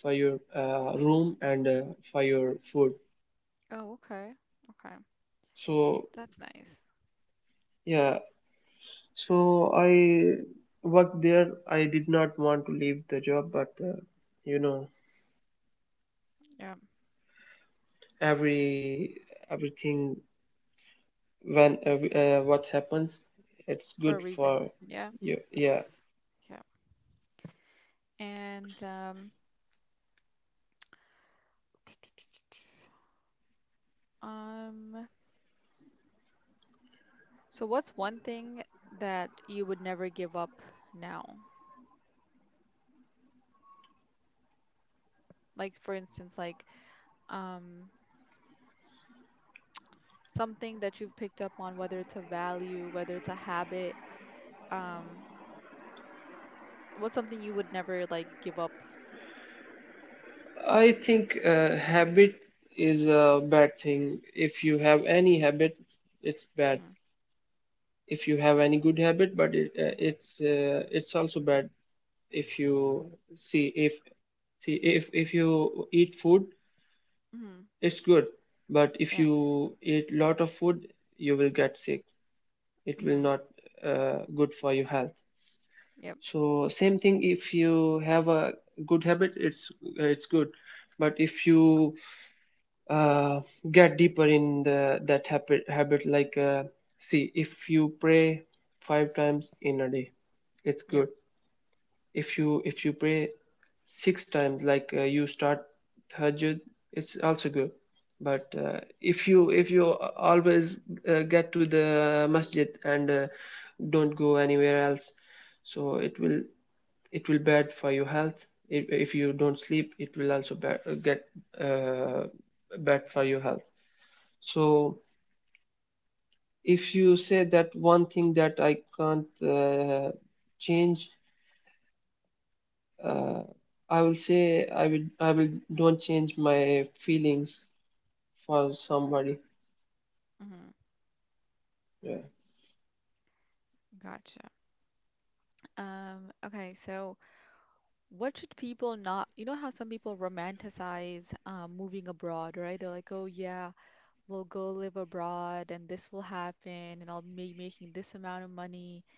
B: for your uh, room and uh, for your food.
A: Oh, okay. Okay.
B: So
A: That's nice.
B: yeah, so I worked there, I did not want to leave the job, but uh, you know
A: Yeah,
B: every everything, when uh, uh, what happens, it's
A: for a
B: good
A: reason.
B: for
A: Yeah,
B: you. Yeah,
A: yeah. And um, um, so what's one thing that you would never give up now? Like for instance, like, um, something that you've picked up on, whether it's a value, whether it's a habit. Um, what's something you would never like give up?
B: I think uh, habit is a bad thing. If you have any habit, it's bad.
A: Mm,
B: If you have any good habit, but it, uh, it's uh, it's also bad. If you see, if see, if if you eat food,
A: mm,
B: it's good, but if
A: yeah.
B: you eat lot of food, you will get sick. It will
A: Mm,
B: not uh, good for your health.
A: yep.
B: So same thing, if you have a good habit, it's it's good. But if you uh, get deeper in the that habit habit, like uh, see, if you pray five times in a day, it's
A: Yep.
B: good. If you if you pray six times, like uh, you start tahajjud, it's also good. But uh, if you if you always uh, get to the masjid and uh, don't go anywhere else, so it will, it will bad for your health. if, if you don't sleep, it will also uh, get uh, bad for your health. So if you say that one thing that I can't uh, change, uh, I will say, i will i will don't change my feelings for somebody.
A: Mm,
B: Yeah.
A: gotcha. Um, okay, so. What should people not, you know how some people romanticize um, moving abroad, right? They're like, oh yeah, we'll go live abroad and this will happen and I'll be making this amount of money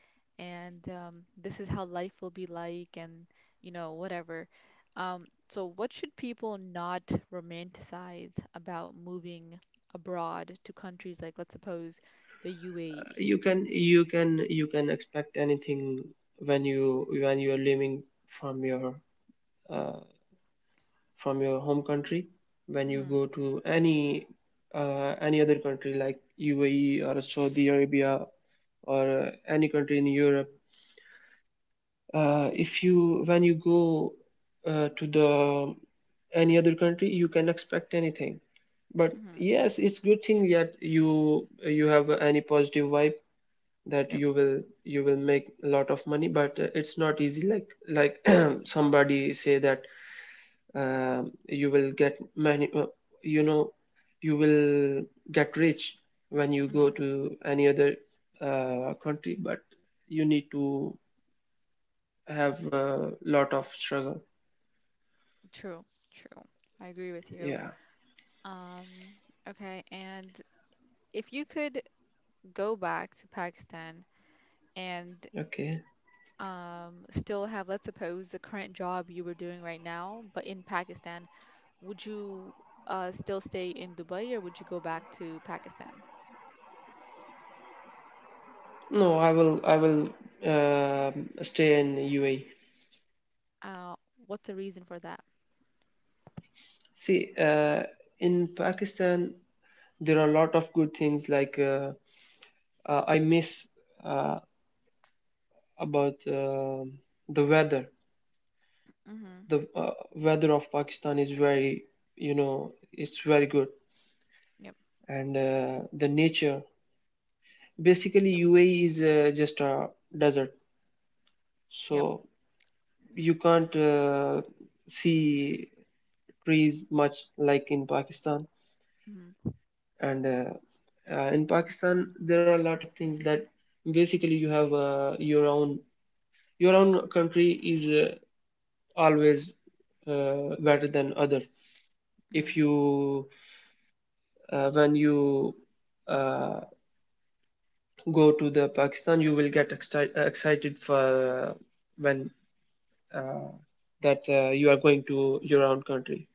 A: and um, this is how life will be like and you know, whatever. Um, so what should people not romanticize about moving abroad to countries like, let's suppose, the U A E?
B: You can you can you can expect anything when you when you are living from your uh, from your home country. When you
A: Mm-hmm,
B: go to any uh, any other country like U A E or Saudi Arabia or uh, any country in Europe. Uh, if you, when you go uh, to the um, any other country, you can expect anything. But
A: mm-hmm,
B: yes, it's good thing that you you have any positive vibe that
A: yep,
B: you will you will make a lot of money. But uh, it's not easy, like like somebody say that um, you will get many uh, you know you will get rich when you go
A: mm-hmm,
B: to any other uh, country. But you need to have a lot of struggle.
A: true, true. I agree with you.
B: Yeah,
A: Um, okay, and if you could go back to Pakistan and
B: okay.
A: um, still have, let's suppose, the current job you were doing right now, but in Pakistan, would you, uh, still stay in Dubai or would you go back to Pakistan?
B: No, i will i will um stay in UAE.
A: Uh, what's the reason for that?
B: See uh, in Pakistan there are a lot of good things, like uh, uh, I miss uh, about um the weather.
A: Mm-hmm.
B: The uh, weather of Pakistan is very, you know, it's very good,
A: Yep,
B: and uh, the nature. Basically,
A: yep,
B: U A E is uh, just a desert,
A: yep.
B: so you can't uh, see trees much like in Pakistan.
A: Mm-hmm.
B: And uh, uh, in Pakistan, there are a lot of things that basically you have uh, your own, your own country is uh, always uh, better than other.
A: Mm-hmm.
B: If you uh, when you uh, go to the Pakistan, you will get exci- uh, excited for uh, when uh, that uh, you are going to your own country.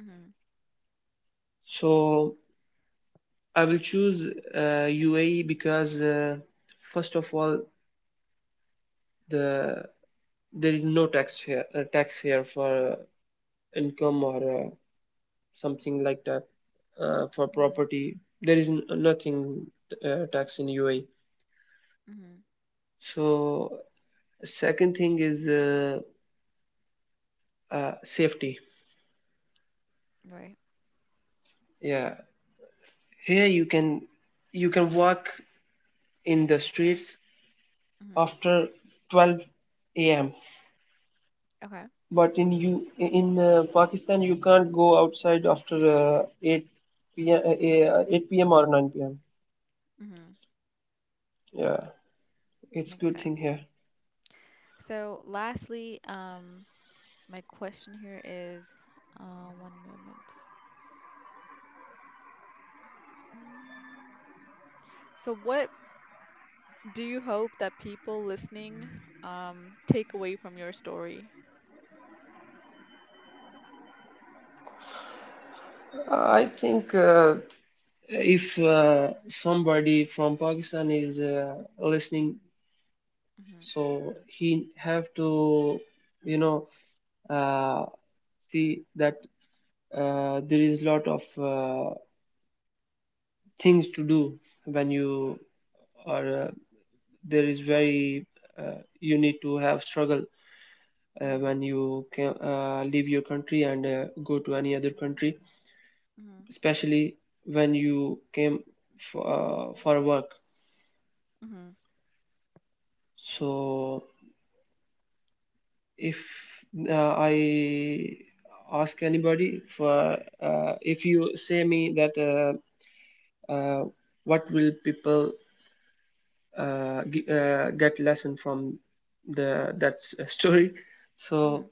A: Mm-hmm.
B: So I will choose uh, U A E because uh, first of all, the there is no tax here, uh, tax here for uh, income or uh, something like that, uh, for
A: Mm-hmm.
B: property. There is n- nothing uh, tax in U A E.
A: Mm-hmm.
B: So second thing is uh, uh, safety.
A: Right.
B: Yeah, here you can you can walk in the streets
A: Mm-hmm.
B: after twelve a m.
A: Okay.
B: But in you in uh, Pakistan you can't go outside after uh, eight p m. Uh, uh, eight p m or nine p m.
A: Mm-hmm.
B: Yeah, it's
A: Makes
B: good thing
A: sense.
B: here.
A: So, lastly, um, my question here is, uh, one moment. Mm. So, what do you hope that people listening um, take away from your story?
B: I think uh, if uh, somebody from Pakistan is uh, listening,
A: Mm-hmm,
B: so he have to, you know, uh, see that uh, there is lot of uh, things to do when you are uh, there is very uh, you need to have struggle uh,
A: mm-hmm,
B: when you can, uh, leave your country and uh, go to any other country,
A: mm-hmm,
B: especially when you came for, uh, for work.
A: mm-hmm,
B: So if uh, I ask anybody for, uh, if you say me that uh, uh, what will people uh, uh, get lesson from the that story.
A: mm-hmm,
B: So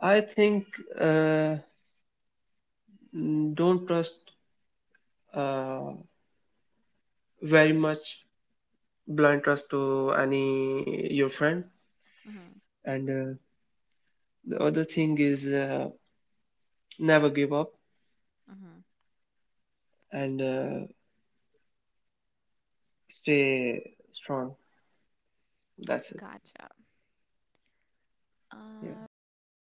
B: I think uh, mm, don't trust uh, very much blind trust to any your friend.
A: mm-hmm.
B: And uh, the other thing is uh, never give up.
A: Mm-hmm.
B: And uh, stay strong. That's it.
A: Gotcha.
B: Yeah.
A: Um,